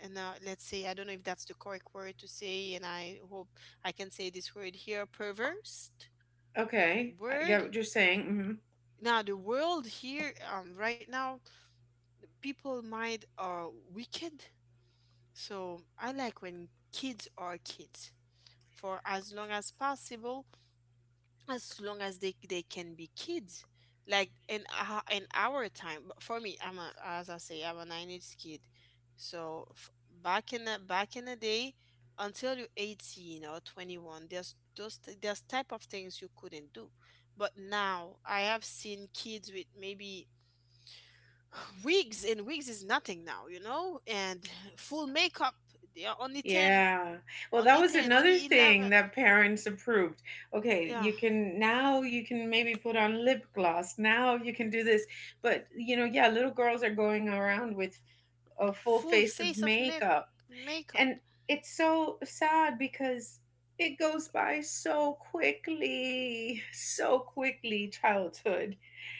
Speaker 2: in a let's say, I don't know if that's the correct word to say, and I hope I can say this word here, perverse
Speaker 1: Okay. I
Speaker 2: word.
Speaker 1: get what you're saying. Hmm.
Speaker 2: Now the world here right now, people mind are wicked. So I like when kids are kids for as long as possible, as long as they can be kids, like in our time. But for me, I'm a as I say, I'm a nine age kid. So f- back in the day, until you're 18 or 21, there's those t- there's type of things you couldn't do. But now I have seen kids with maybe wigs, and wigs is nothing now, you know, and full makeup. They are only ten,
Speaker 1: Yeah. Well,
Speaker 2: only
Speaker 1: that was
Speaker 2: ten,
Speaker 1: another
Speaker 2: only 11.
Speaker 1: thing that parents approved. Okay,
Speaker 2: Yeah,
Speaker 1: you can now, you can maybe put on lip gloss. Now you can do this. But, you know, yeah, little girls are going around with a full
Speaker 2: full
Speaker 1: face
Speaker 2: face
Speaker 1: of
Speaker 2: of make
Speaker 1: makeup.
Speaker 2: makeup.
Speaker 1: And it's so sad because it goes by so quickly, childhood.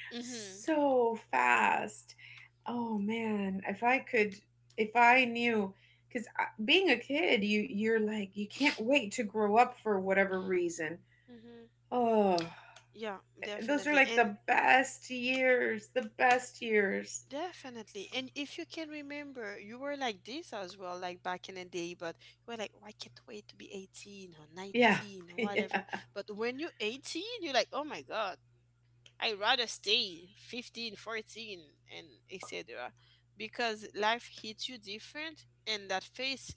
Speaker 2: Mhm.
Speaker 1: So fast. Oh man, if I could, if I knew, because being a kid, you're like, you can't wait to grow up for whatever reason.
Speaker 2: Mhm.
Speaker 1: Oh,
Speaker 2: Yeah,
Speaker 1: those are
Speaker 2: definitely.
Speaker 1: like
Speaker 2: And
Speaker 1: the best years, the best years.
Speaker 2: definitely, and if you can remember, you were like this as well, like back in the day. But you were like, oh, I can't wait to be 18 or
Speaker 1: Yeah,
Speaker 2: 19 or
Speaker 1: <laughs>
Speaker 2: whatever.
Speaker 1: yeah,
Speaker 2: But when you're 18, you're like, oh my god, I rather stay 15, 14, 14, and etc. Because life hits you different, and that phase,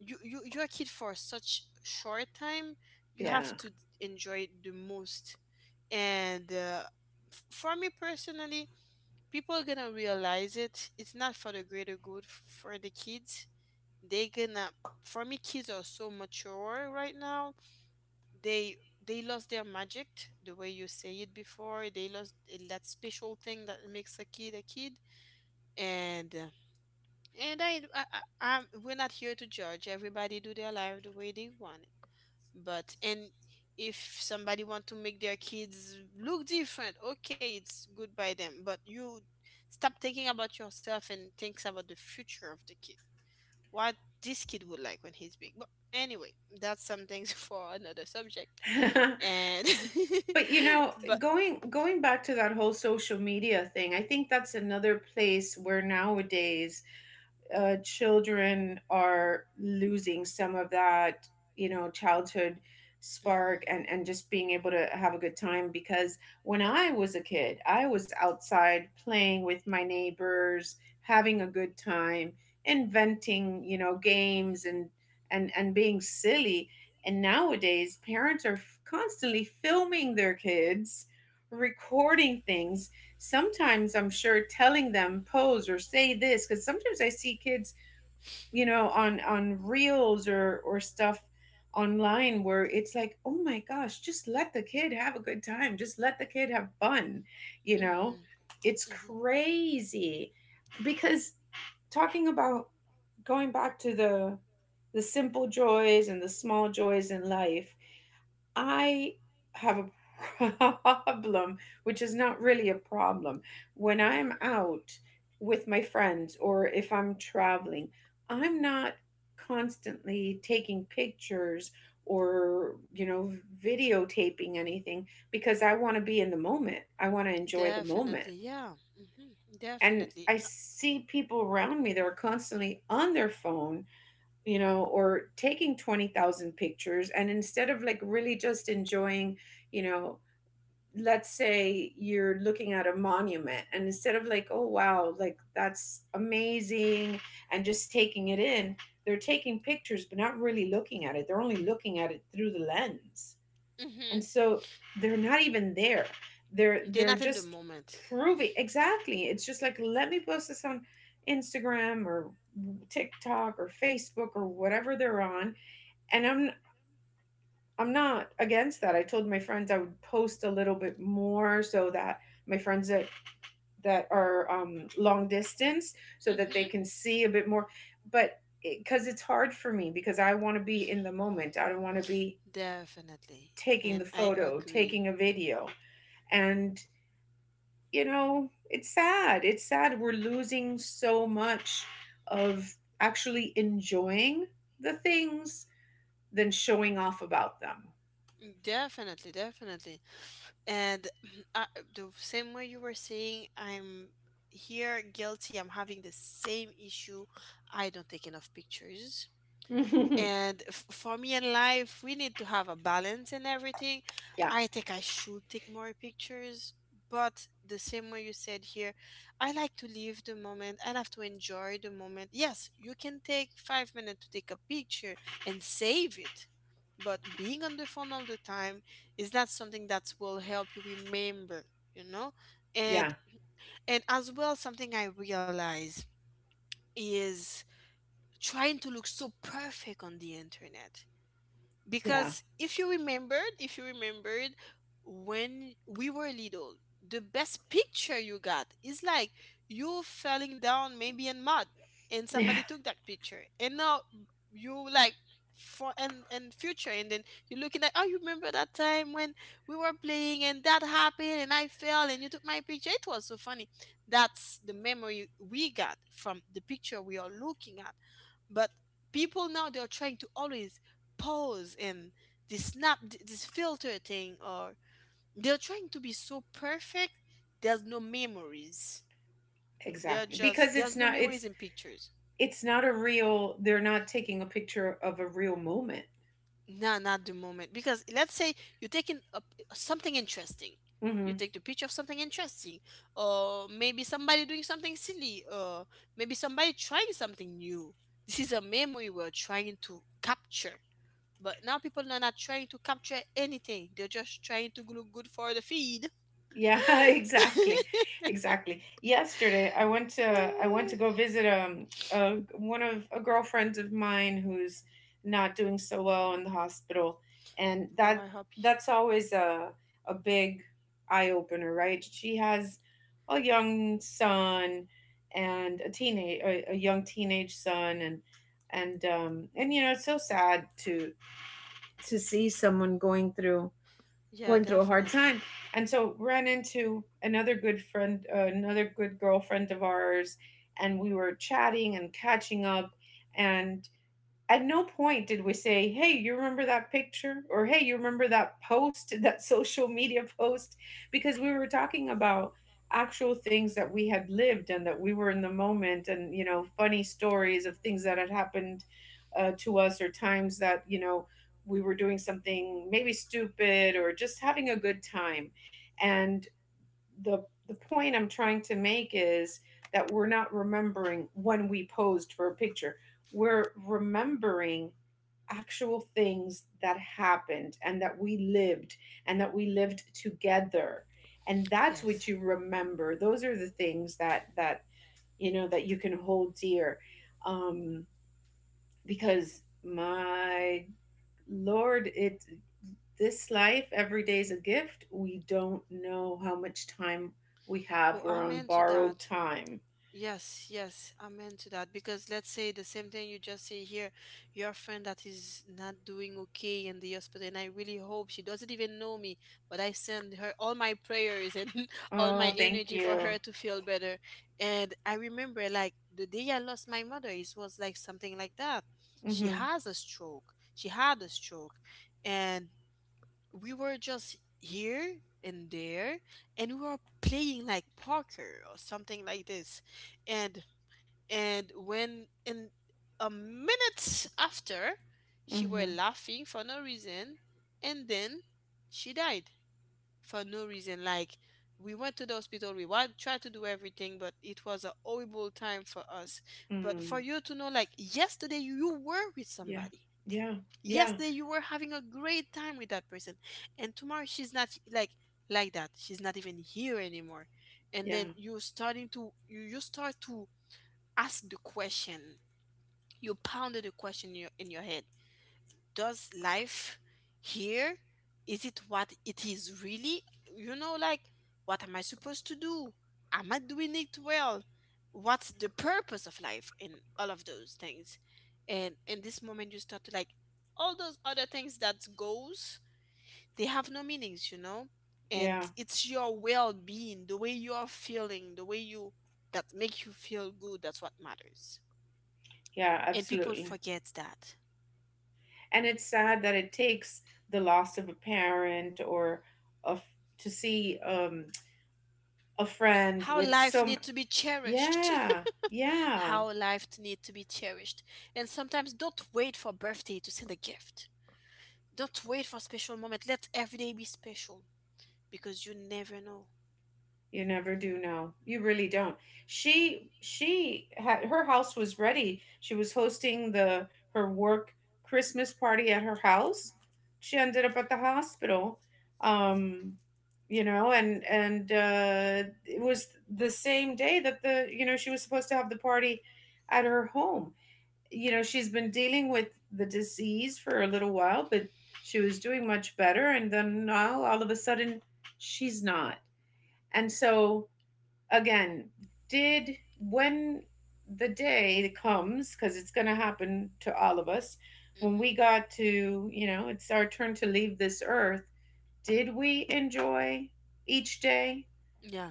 Speaker 2: you're a kid for such short time, you have
Speaker 1: yeah.
Speaker 2: to enjoy it the most. And f- for me personally, people are gonna realize it. It's not for the greater good f- for the kids. They gonna, for me, kids are so mature right now. they they lost their magic, the way you say it before. They lost that special thing that makes a kid a kid. And and I, I, I we're not here to judge. Everybody do their life the way they want it. But and if somebody want to make their kids look different, okay, it's good by them. But you stop thinking about yourself and thinks about the future of the kid. What this kid would like when he's big? But anyway, that's some things <laughs> for another subject.
Speaker 1: <laughs>
Speaker 2: And
Speaker 1: But you know,
Speaker 2: <laughs> but
Speaker 1: going back to that whole social media thing, I think that's another place where nowadays children are losing some of that, you know, childhood spark and just being able to have a good time, because when I was a kid, I was outside playing with my neighbors, having a good time, inventing, you know, games and and being silly. And nowadays, parents are constantly filming their kids, recording things, sometimes, I'm sure, telling them pose or say this, because sometimes I see kids, you know, on reels or stuff online, where it's like, oh my gosh, just let the kid have a good time, just let the kid have fun, you know.
Speaker 2: Mhm.
Speaker 1: It's
Speaker 2: Mhm. Mhm.
Speaker 1: crazy because, talking about going back to the simple joys and the small joys in life, I have a <laughs> problem, which is not really a problem. When
Speaker 2: Mhm.
Speaker 1: I'm out with my friends or if I'm traveling, I'm not constantly taking pictures or, you know, videotaping anything, because I want to be in the moment. I want to enjoy the moment.
Speaker 2: Definitely, yeah. Hmm.
Speaker 1: And
Speaker 2: Definitely.
Speaker 1: I see people around me that are constantly on their phone, you know, or taking 20,000 pictures and instead of like really just enjoying, you know, let's say you're looking at a monument and instead of like, oh wow, like that's amazing, and just taking it in, they're taking pictures but not really looking at it. They're only looking at it through the lens.
Speaker 2: Mm-hmm.
Speaker 1: And so they're not even there.
Speaker 2: They're
Speaker 1: They're
Speaker 2: not in the
Speaker 1: just
Speaker 2: moment.
Speaker 1: proving, exactly. It's just like, let me post this on Instagram or TikTok or Facebook or whatever they're on, and I'm not against that. I told my friends I would post a little bit more so that my friends that are, long distance, so that they
Speaker 2: Mm-hmm.
Speaker 1: can see a bit more, but because it's hard for me, because I want to be in the moment, I don't want to be
Speaker 2: Definitely.
Speaker 1: taking the
Speaker 2: And I
Speaker 1: photo,
Speaker 2: agree.
Speaker 1: taking a video, and, you know, it's sad, it's sad, we're losing so much of actually enjoying the things than showing off about them.
Speaker 2: Definitely, definitely. And <clears throat> I, the same way you were saying, I'm here guilty. I'm having the same issue. I don't take enough pictures.
Speaker 1: <laughs> Yeah.
Speaker 2: And f- for me in life, we need to have a balance in everything.
Speaker 1: Yeah.
Speaker 2: I think I should take more pictures, but the same way you said here, I like to live the moment. I love to enjoy the moment. Yes, you can take 5 minutes to take a picture and save it, but being on the phone all the time is not something that will help you remember, you know? And
Speaker 1: Yeah.
Speaker 2: and as well, something I realize is trying to look so perfect on the internet,
Speaker 1: Yeah. <laughs>
Speaker 2: because if you remembered when we were little, the best picture you got is like you falling down maybe in mud, and
Speaker 1: Yeah,
Speaker 2: somebody took that picture, and now you like for and future, and then you're looking like, oh, you remember that time when we were playing and that happened, and I fell, and you took my picture? It was so funny. That's the memory we got from the picture we are looking at. But people now, they're trying to always pose, and this snap, this filter thing, or they're trying to be so perfect. There's no memories. They're
Speaker 1: exactly.
Speaker 2: just
Speaker 1: Because it's
Speaker 2: there's no
Speaker 1: not, it's
Speaker 2: memories in pictures.
Speaker 1: it's not a real, they're not taking a picture of a real moment.
Speaker 2: Nah, not the moment. Because let's say you're taking a, something interesting, you
Speaker 1: Mhm.
Speaker 2: take the picture of something interesting, or maybe somebody doing something silly, or maybe somebody trying something new. This is a memory we're trying to capture. But now people are not trying to capture anything, they're just trying to look good for the feed.
Speaker 1: Yeah, <laughs> exactly.
Speaker 2: <laughs>
Speaker 1: Exactly. Yesterday I went to, I went to go visit, a one of, a girlfriend of mine who's not doing so well in the hospital, and
Speaker 2: Oh,
Speaker 1: that
Speaker 2: I hope.
Speaker 1: that's always a big eye opener, right? She has a young son, and a teenage, a young teenage son, and and, you know, it's so sad to see someone going through,
Speaker 2: Yeah,
Speaker 1: going through a hard
Speaker 2: definitely.
Speaker 1: time. And so, ran into another good friend, another good girlfriend of ours, and we were chatting and catching up. And at no point did we say, "Hey, you remember that picture?" Or, "Hey, you remember that post, <laughs> that social media post?" Because we were talking about actual things that we had lived and that we were in the moment and, funny stories of things that had happened to us, or times that, we were doing something maybe stupid or just having a good time. And the point I'm trying to make is that we're not remembering when we posed for a picture. We're remembering actual things that happened and that we lived and that we lived together. And that's what
Speaker 2: Yes.
Speaker 1: you remember. Those are the things that you can hold dear. Um because my lord, it this life, every day is a gift. We don't know how much time we have.
Speaker 2: Oh,
Speaker 1: We're on
Speaker 2: amen to
Speaker 1: borrowed
Speaker 2: that.
Speaker 1: time.
Speaker 2: Yes, yes, amen to that. Because let's say the same thing you just say here, your friend that is not doing okay in the hospital, and I really hope she doesn't even know me, but I send her all my prayers and <laughs> all
Speaker 1: Oh,
Speaker 2: my
Speaker 1: thank
Speaker 2: energy for
Speaker 1: you.
Speaker 2: her to feel better. And I remember like the day I lost my mother, it was like something like that. She
Speaker 1: Mm-hmm.
Speaker 2: has a stroke. She had a stroke. And we were just here and there, and we were playing like poker or something like this. and and when in a minute after, she were
Speaker 1: Mm-hmm.
Speaker 2: laughing for no reason, and then she died, for no reason. Like we went to the hospital, we wa- tried to do everything, but it was a horrible time for us. But for
Speaker 1: Mm.
Speaker 2: you to know, like, yesterday you were with
Speaker 1: Yeah.
Speaker 2: somebody,
Speaker 1: Yeah. Yeah.
Speaker 2: yesterday you were having a great time with that person, and tomorrow she's not, like, like that, she's not even here anymore. And then
Speaker 1: Yeah.
Speaker 2: you're starting to you start to ask the question. You pounded the question in your head. Does life here is it what it is really? You know, like, what am I supposed to do? Am I doing it well? What's the purpose of life and all of those things? And in this moment you start to like, all those other things that goes, they have no meanings, you know? And
Speaker 1: Yeah.
Speaker 2: it's your well-being, the way you are feeling, the way you that make you feel good, that's what matters.
Speaker 1: Yeah.
Speaker 2: And people
Speaker 1: Absolutely.
Speaker 2: forget that.
Speaker 1: And it's sad that it takes the loss of a parent, or of, to see a friend
Speaker 2: How
Speaker 1: with
Speaker 2: life
Speaker 1: so
Speaker 2: needs
Speaker 1: much.
Speaker 2: to be cherished. <laughs>
Speaker 1: Yeah. Yeah.
Speaker 2: How life needs to be cherished. And sometimes don't wait for birthday to send a gift. Don't wait for special moment. Let every day be special because you never know.
Speaker 1: You never do know. You really don't. She had, her house was ready. She was hosting the her work Christmas party at her house. She ended up at the hospital. Um you know, and it was the same day that, the, you know, she was supposed to have the party at her home. You know, she's been dealing with the disease for a little while, but she was doing much better, and then now all of a sudden she's not. And so, again, did, when the day comes, because it's going to happen to all of us, when
Speaker 2: Hmm.
Speaker 1: we got to, you know, it's our turn to leave this earth, did we enjoy each day?
Speaker 2: Yeah.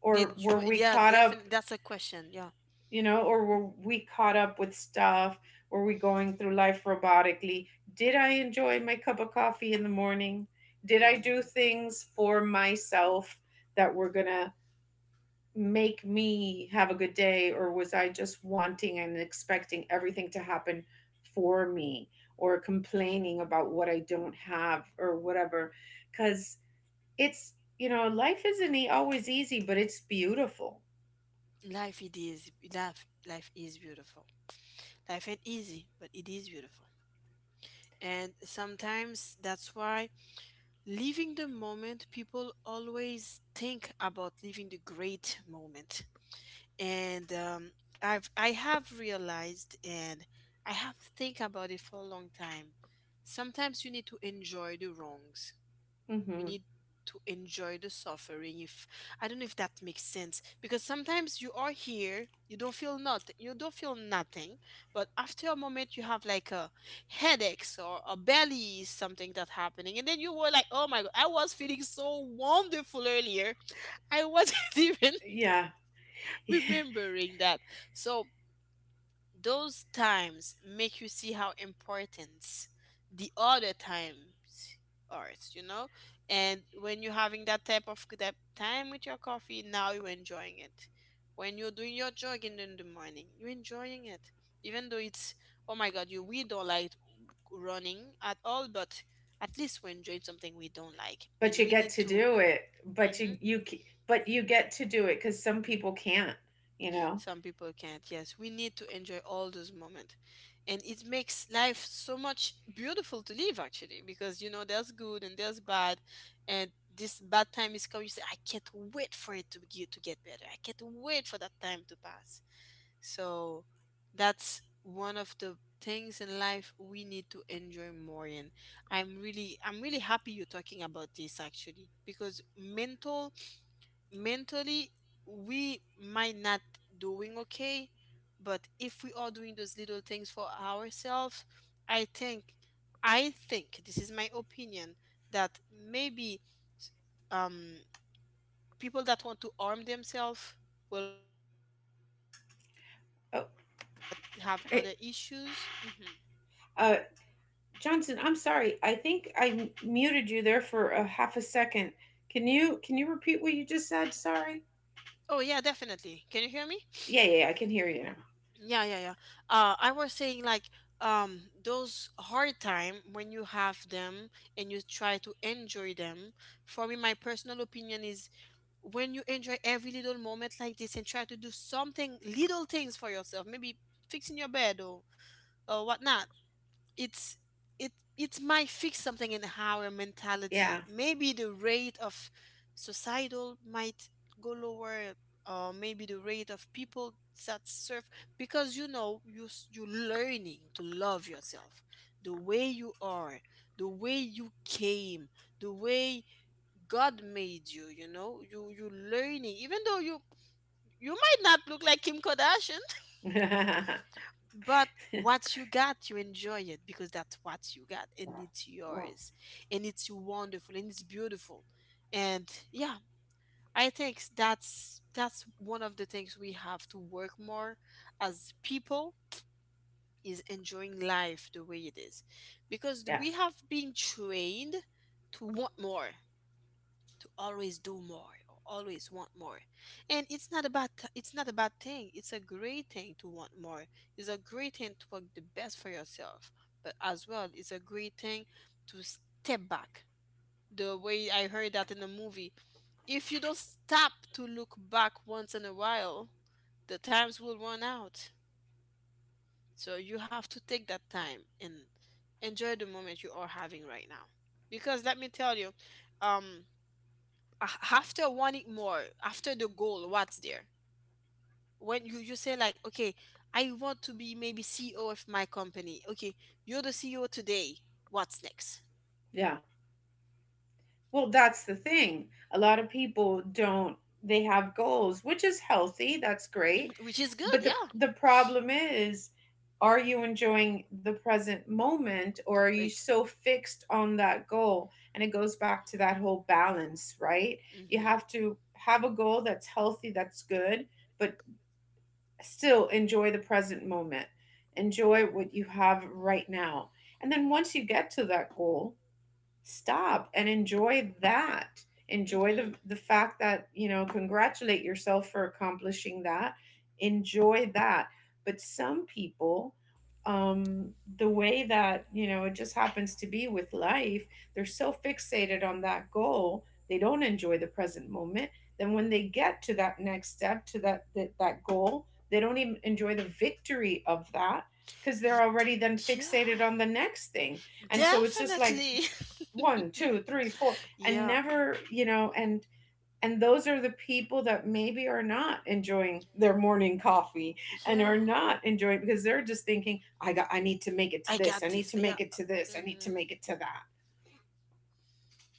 Speaker 1: Or
Speaker 2: Did
Speaker 1: were
Speaker 2: you?
Speaker 1: we
Speaker 2: Yeah,
Speaker 1: caught up,
Speaker 2: definitely. That's a question. Yeah.
Speaker 1: you know, or were we caught up with stuff? Were we going through life robotically? Did I enjoy my cup of coffee in the morning? Did I do
Speaker 2: Hmm.
Speaker 1: things for myself that were going to make me have a good day? Or was I just wanting and expecting everything to happen for me, or complaining about what I don't have or whatever, cuz it's, you know, life isn't e- always easy, but it's beautiful.
Speaker 2: Life it is. Life is beautiful. Life ain't easy, but it is beautiful. And sometimes that's why living the moment, people always think about living the great moment. And I have realized, and I have think about it for a long time. Sometimes you need to enjoy the wrongs. You
Speaker 1: Mhm.
Speaker 2: need to enjoy the suffering. If I don't know if that makes sense, because sometimes you are here, you don't feel nothing, you don't feel nothing, but after a moment you have like a headaches or a belly something that happening, and then you were like, oh my god, I was feeling so wonderful earlier. I wasn't <laughs> even
Speaker 1: Yeah.
Speaker 2: remembering that. So those times make you see how important the other times are, you know? And when you're having that type of that time with your coffee, now you're enjoying it. When you're doing your jogging in the morning, you're enjoying it. Even though it's, oh my God, you we don't like running at all, but at least we enjoyed something we don't like.
Speaker 1: But
Speaker 2: And
Speaker 1: you
Speaker 2: we
Speaker 1: get
Speaker 2: need
Speaker 1: to
Speaker 2: to.
Speaker 1: do it. But
Speaker 2: Mm-hmm.
Speaker 1: you but you get to do it, cuz some people can't, you know.
Speaker 2: Some people can't. Yes, we need to enjoy all those moments, and it makes life so much beautiful to live actually, because you know there's good and there's bad. And this bad time is coming, you say, I can't wait for it to get better, I can't wait for that time to pass. So that's one of the things in life we need to enjoy more. And I'm really happy you're talking about this actually, because mentally we might not doing okay. But if we are doing those little things for ourselves, i think I think this is my opinion, that maybe um people that want to arm themselves will
Speaker 1: Oh,
Speaker 2: have other
Speaker 1: it,
Speaker 2: issues. Hmm.
Speaker 1: uh, Johnson, I'm sorry. I think I muted you there for a half a second. Can you repeat what you just said? Sorry.
Speaker 2: Oh yeah, definitely. Can you hear me?
Speaker 1: Yeah, yeah, yeah, I can hear you now.
Speaker 2: Yeah, yeah, yeah. I was saying like those hard time when you have them and you try to enjoy them. For me, my personal opinion is when you enjoy every little moment like this and try to do something, little things for yourself, maybe fixing your bed or whatnot, it's it it might fix something in our
Speaker 1: Yeah.
Speaker 2: mentality. Maybe the rate of societal might go lower, or maybe the rate of people that serve, because you know you s- you're learning to love yourself, the way you are, the way you came, the way God made you. You know you are learning even though you might not look like Kim Kardashian,
Speaker 1: <laughs>
Speaker 2: but what you got, you enjoy it because that's what you got and it's yours and it's wonderful and it's beautiful. And yeah, I think that's one of the things we have to work more as people is enjoying life the way it is. Because
Speaker 1: Yeah.
Speaker 2: we have been trained to want more, to always do more or always want more. And it's not a it's not a bad thing, it's a great thing to want more, it's a great thing to work the best for yourself, but as well it's a great thing to step back. The way I heard that in the movie, if you don't stop to look back once in a while, the times will run out. So you have to take that time and enjoy the moment you are having right now. Because let me tell you, um after wanting more, after the goal, what's there? When you say like, okay, I want to be maybe CEO of my company, okay, you're the CEO today, what's next?
Speaker 1: Yeah. Well, that's the thing. A lot of people don't, they have goals, which is healthy, that's great.
Speaker 2: <laughs> which is good,
Speaker 1: But the
Speaker 2: yeah.
Speaker 1: the problem is, are you enjoying the present moment, or are you
Speaker 2: The
Speaker 1: so fixed on that goal? And it goes back to that whole balance, right? You
Speaker 2: mm-hmm,
Speaker 1: have to have a goal that's healthy, that's good, but still enjoy the present moment. Enjoy what you have right now. And then once you get to that goal, stop and enjoy that, enjoy
Speaker 2: mm-hmm.
Speaker 1: the fact that, you know, congratulate yourself for accomplishing that, enjoy that. But some people, um the way that, you know, it just happens to be with life, they're so fixated on that goal they don't enjoy the present moment. Then when they get to that next step, to that goal, they don't even enjoy the victory of that, because they're already then fixated
Speaker 2: Yeah,
Speaker 1: on the next thing. And so it's just like
Speaker 2: definitely.
Speaker 1: 1 2 3 4,
Speaker 2: <laughs>
Speaker 1: and
Speaker 2: yeah,
Speaker 1: never, you know. And those are the people that maybe are not enjoying their morning coffee, and
Speaker 2: yeah,
Speaker 1: are not enjoying, because they're just thinking, I got, I need to make it to
Speaker 2: I
Speaker 1: this,
Speaker 2: got
Speaker 1: I need
Speaker 2: this,
Speaker 1: to
Speaker 2: yeah.
Speaker 1: make it to this, I need to
Speaker 2: Hmm,
Speaker 1: make it to that.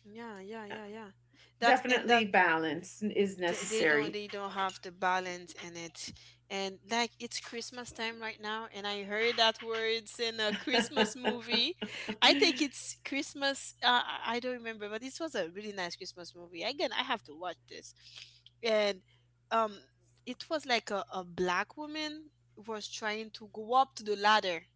Speaker 2: yeah, yeah,
Speaker 1: Yeah.
Speaker 2: yeah, yeah. That's, and
Speaker 1: Definitely
Speaker 2: that,
Speaker 1: balance is
Speaker 2: they don't,
Speaker 1: necessary.
Speaker 2: they don't have the balance in it. And like, it's Christmas time right now and I heard that words in a Christmas
Speaker 1: <laughs>
Speaker 2: movie. I think it's Christmas, I don't remember, but this was a really nice Christmas movie, again I have to watch this. And, um it was like a Black woman was trying to go up to the ladder.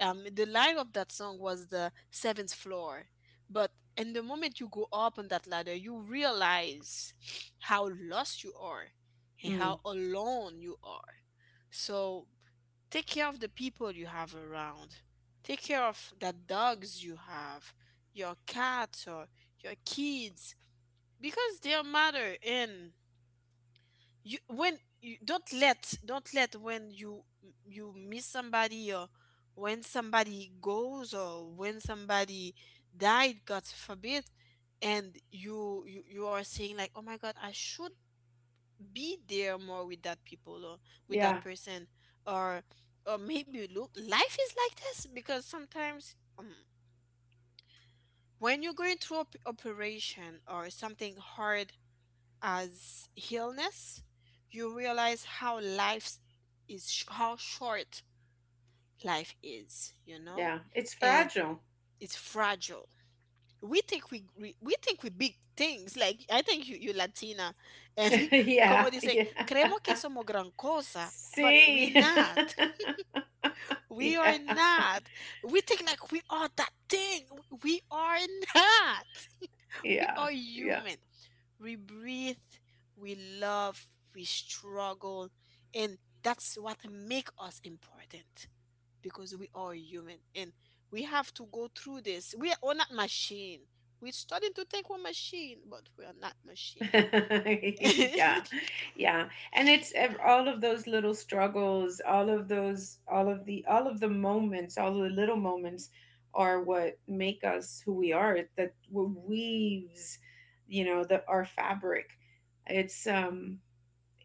Speaker 2: Um, the line of that song was the seventh floor. But in the moment you go up on that ladder, you realize how lost you are and
Speaker 1: Mm.
Speaker 2: how alone you are. So take care of the people you have around, take care of the dogs you have, your cats, or your kids, because they matter. And you, when you don't let, don't let, when you miss somebody, or when somebody goes, or when somebody died, god forbid, and you are saying like, oh my god, I should be there more with that people, or with that
Speaker 1: Yeah.
Speaker 2: person. or or maybe, look, life is like this, because sometimes, when you're going through operation or something hard as illness, you realize how how short life is, you know.
Speaker 1: Yeah, it's
Speaker 2: And
Speaker 1: fragile.
Speaker 2: it's fragile. We think we think we big things. Like, I think you Latina, and <laughs>
Speaker 1: <laughs>
Speaker 2: como
Speaker 1: Yeah.
Speaker 2: dicen,
Speaker 1: Yeah.
Speaker 2: creemos que somos gran cosa, but we
Speaker 1: See. <laughs>
Speaker 2: not. <laughs> we are
Speaker 1: Yeah.
Speaker 2: not. We think like we are that thing. We are not. We
Speaker 1: Yeah.
Speaker 2: are
Speaker 1: Yeah.
Speaker 2: human. We breathe, we love, we struggle, and that's what make us important, because we are human and we have to go through this. We not machine. We're starting to think we're machine, but we are not machine.
Speaker 1: <laughs> Yeah.
Speaker 2: <laughs>
Speaker 1: Yeah. And it's ev- all of those little struggles, all of those, all of the moments, all the little moments are what make us who we are. It, that what weaves, you know, the our fabric. It's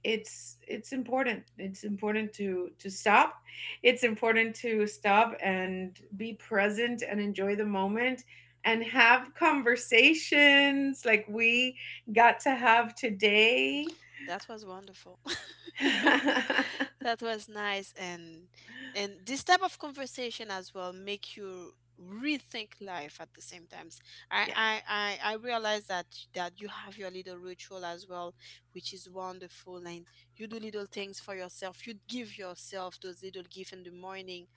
Speaker 1: it's important, it's important to stop, it's important to stop and be present and enjoy the moment, and have conversations like we got to have today.
Speaker 2: That was wonderful. <laughs>
Speaker 1: <laughs>
Speaker 2: That was nice. And this type of conversation as well make you rethink life at the same times. I
Speaker 1: Yeah.
Speaker 2: I I realize that, that you have your little ritual as well, which is wonderful, and you do little things for yourself. You give yourself those little gifts in the morning,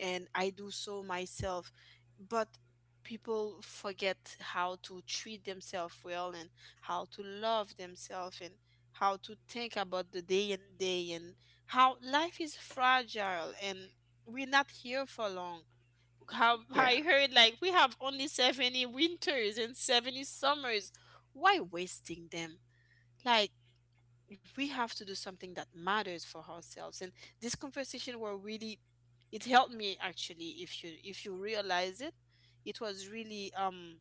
Speaker 2: and I do so myself. But people forget how to treat themselves well, and how to love themselves, and how to think about the day and how life is fragile, and we're not here for long. How <laughs>
Speaker 1: Yeah.
Speaker 2: I heard, like, we have only 70 winters and 70 summers. Why wasting them? Like, we have to do something that matters for ourselves, and this conversation were really, it helped me actually, if you, if you realize it, it was really,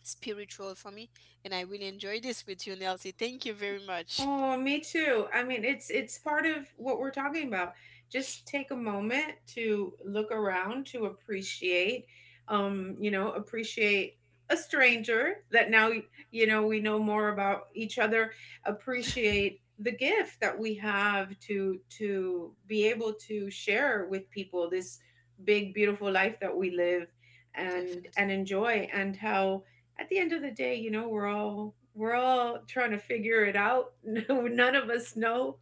Speaker 2: spiritual for me, and I really enjoyed this with you, Nelsie, thank you very much.
Speaker 1: Oh, me too. I mean, it's part of what we're talking about. Just take a moment to look around, to appreciate, you know, appreciate a stranger that now, you know, we know more about each other. Appreciate the gift that we have to be able to share with people this big, beautiful life that we live and
Speaker 2: Definitely.
Speaker 1: enjoy, and how, at the end of the day, you know, we're all, we're all trying to figure it out. <laughs> None of us know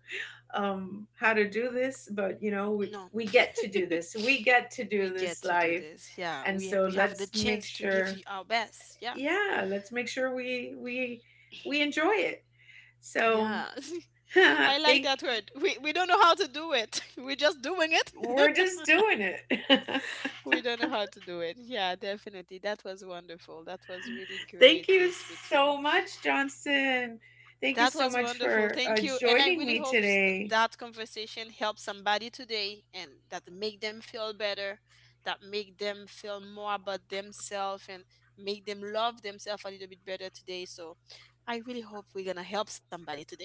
Speaker 1: how to do this, but you know, we
Speaker 2: No.
Speaker 1: we get to do this.
Speaker 2: <laughs>
Speaker 1: We get to do
Speaker 2: we get
Speaker 1: this
Speaker 2: to do
Speaker 1: life,
Speaker 2: this. Yeah,
Speaker 1: and so
Speaker 2: we have the
Speaker 1: let's make
Speaker 2: chance to give
Speaker 1: sure.
Speaker 2: you our best. Yeah.
Speaker 1: Yeah, let's make sure we enjoy it.
Speaker 2: Yeah.
Speaker 1: So, <laughs>
Speaker 2: <laughs>
Speaker 1: I
Speaker 2: I like
Speaker 1: think
Speaker 2: that word. We don't know how to do it. <laughs> We're just doing it.
Speaker 1: we're
Speaker 2: <laughs>
Speaker 1: just doing it. <laughs>
Speaker 2: we don't know how to do it. Yeah, definitely. That was wonderful. That
Speaker 1: Thank you
Speaker 2: was really
Speaker 1: so
Speaker 2: great, this
Speaker 1: much,
Speaker 2: with you.
Speaker 1: Johnson. Thank you so much
Speaker 2: That was
Speaker 1: for
Speaker 2: wonderful. Thank you.
Speaker 1: joining
Speaker 2: And
Speaker 1: me
Speaker 2: I really hope
Speaker 1: today.
Speaker 2: that conversation helps somebody today, and that make them feel better, that make them feel more about themselves, and make them love themselves a little bit better today. So I really hope we're going to help somebody today.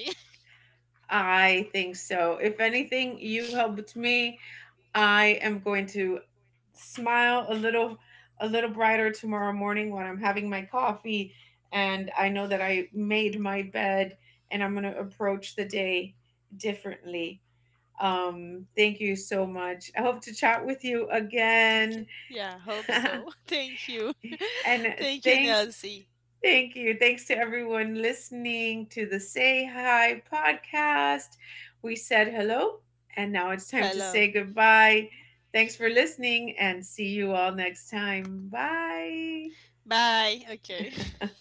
Speaker 1: I think so. If anything, you helped me. I am going to smile a little, a little brighter tomorrow morning when I'm having my coffee, and I know that I made my bed, and I'm going to approach the day differently. Thank you so much. I hope to chat with you
Speaker 2: <laughs> Thank you.
Speaker 1: again.
Speaker 2: Yeah, hope
Speaker 1: <laughs>
Speaker 2: so. <laughs> Thank you. <laughs>
Speaker 1: And
Speaker 2: Thank you,
Speaker 1: thanks,
Speaker 2: Nelsie.
Speaker 1: thank you. Thanks to everyone listening to the Say Hi podcast. We said hello, and now it's time to
Speaker 2: Hello.
Speaker 1: say goodbye. Thanks for listening, and see you all next time. Bye.
Speaker 2: Bye. Okay. <laughs>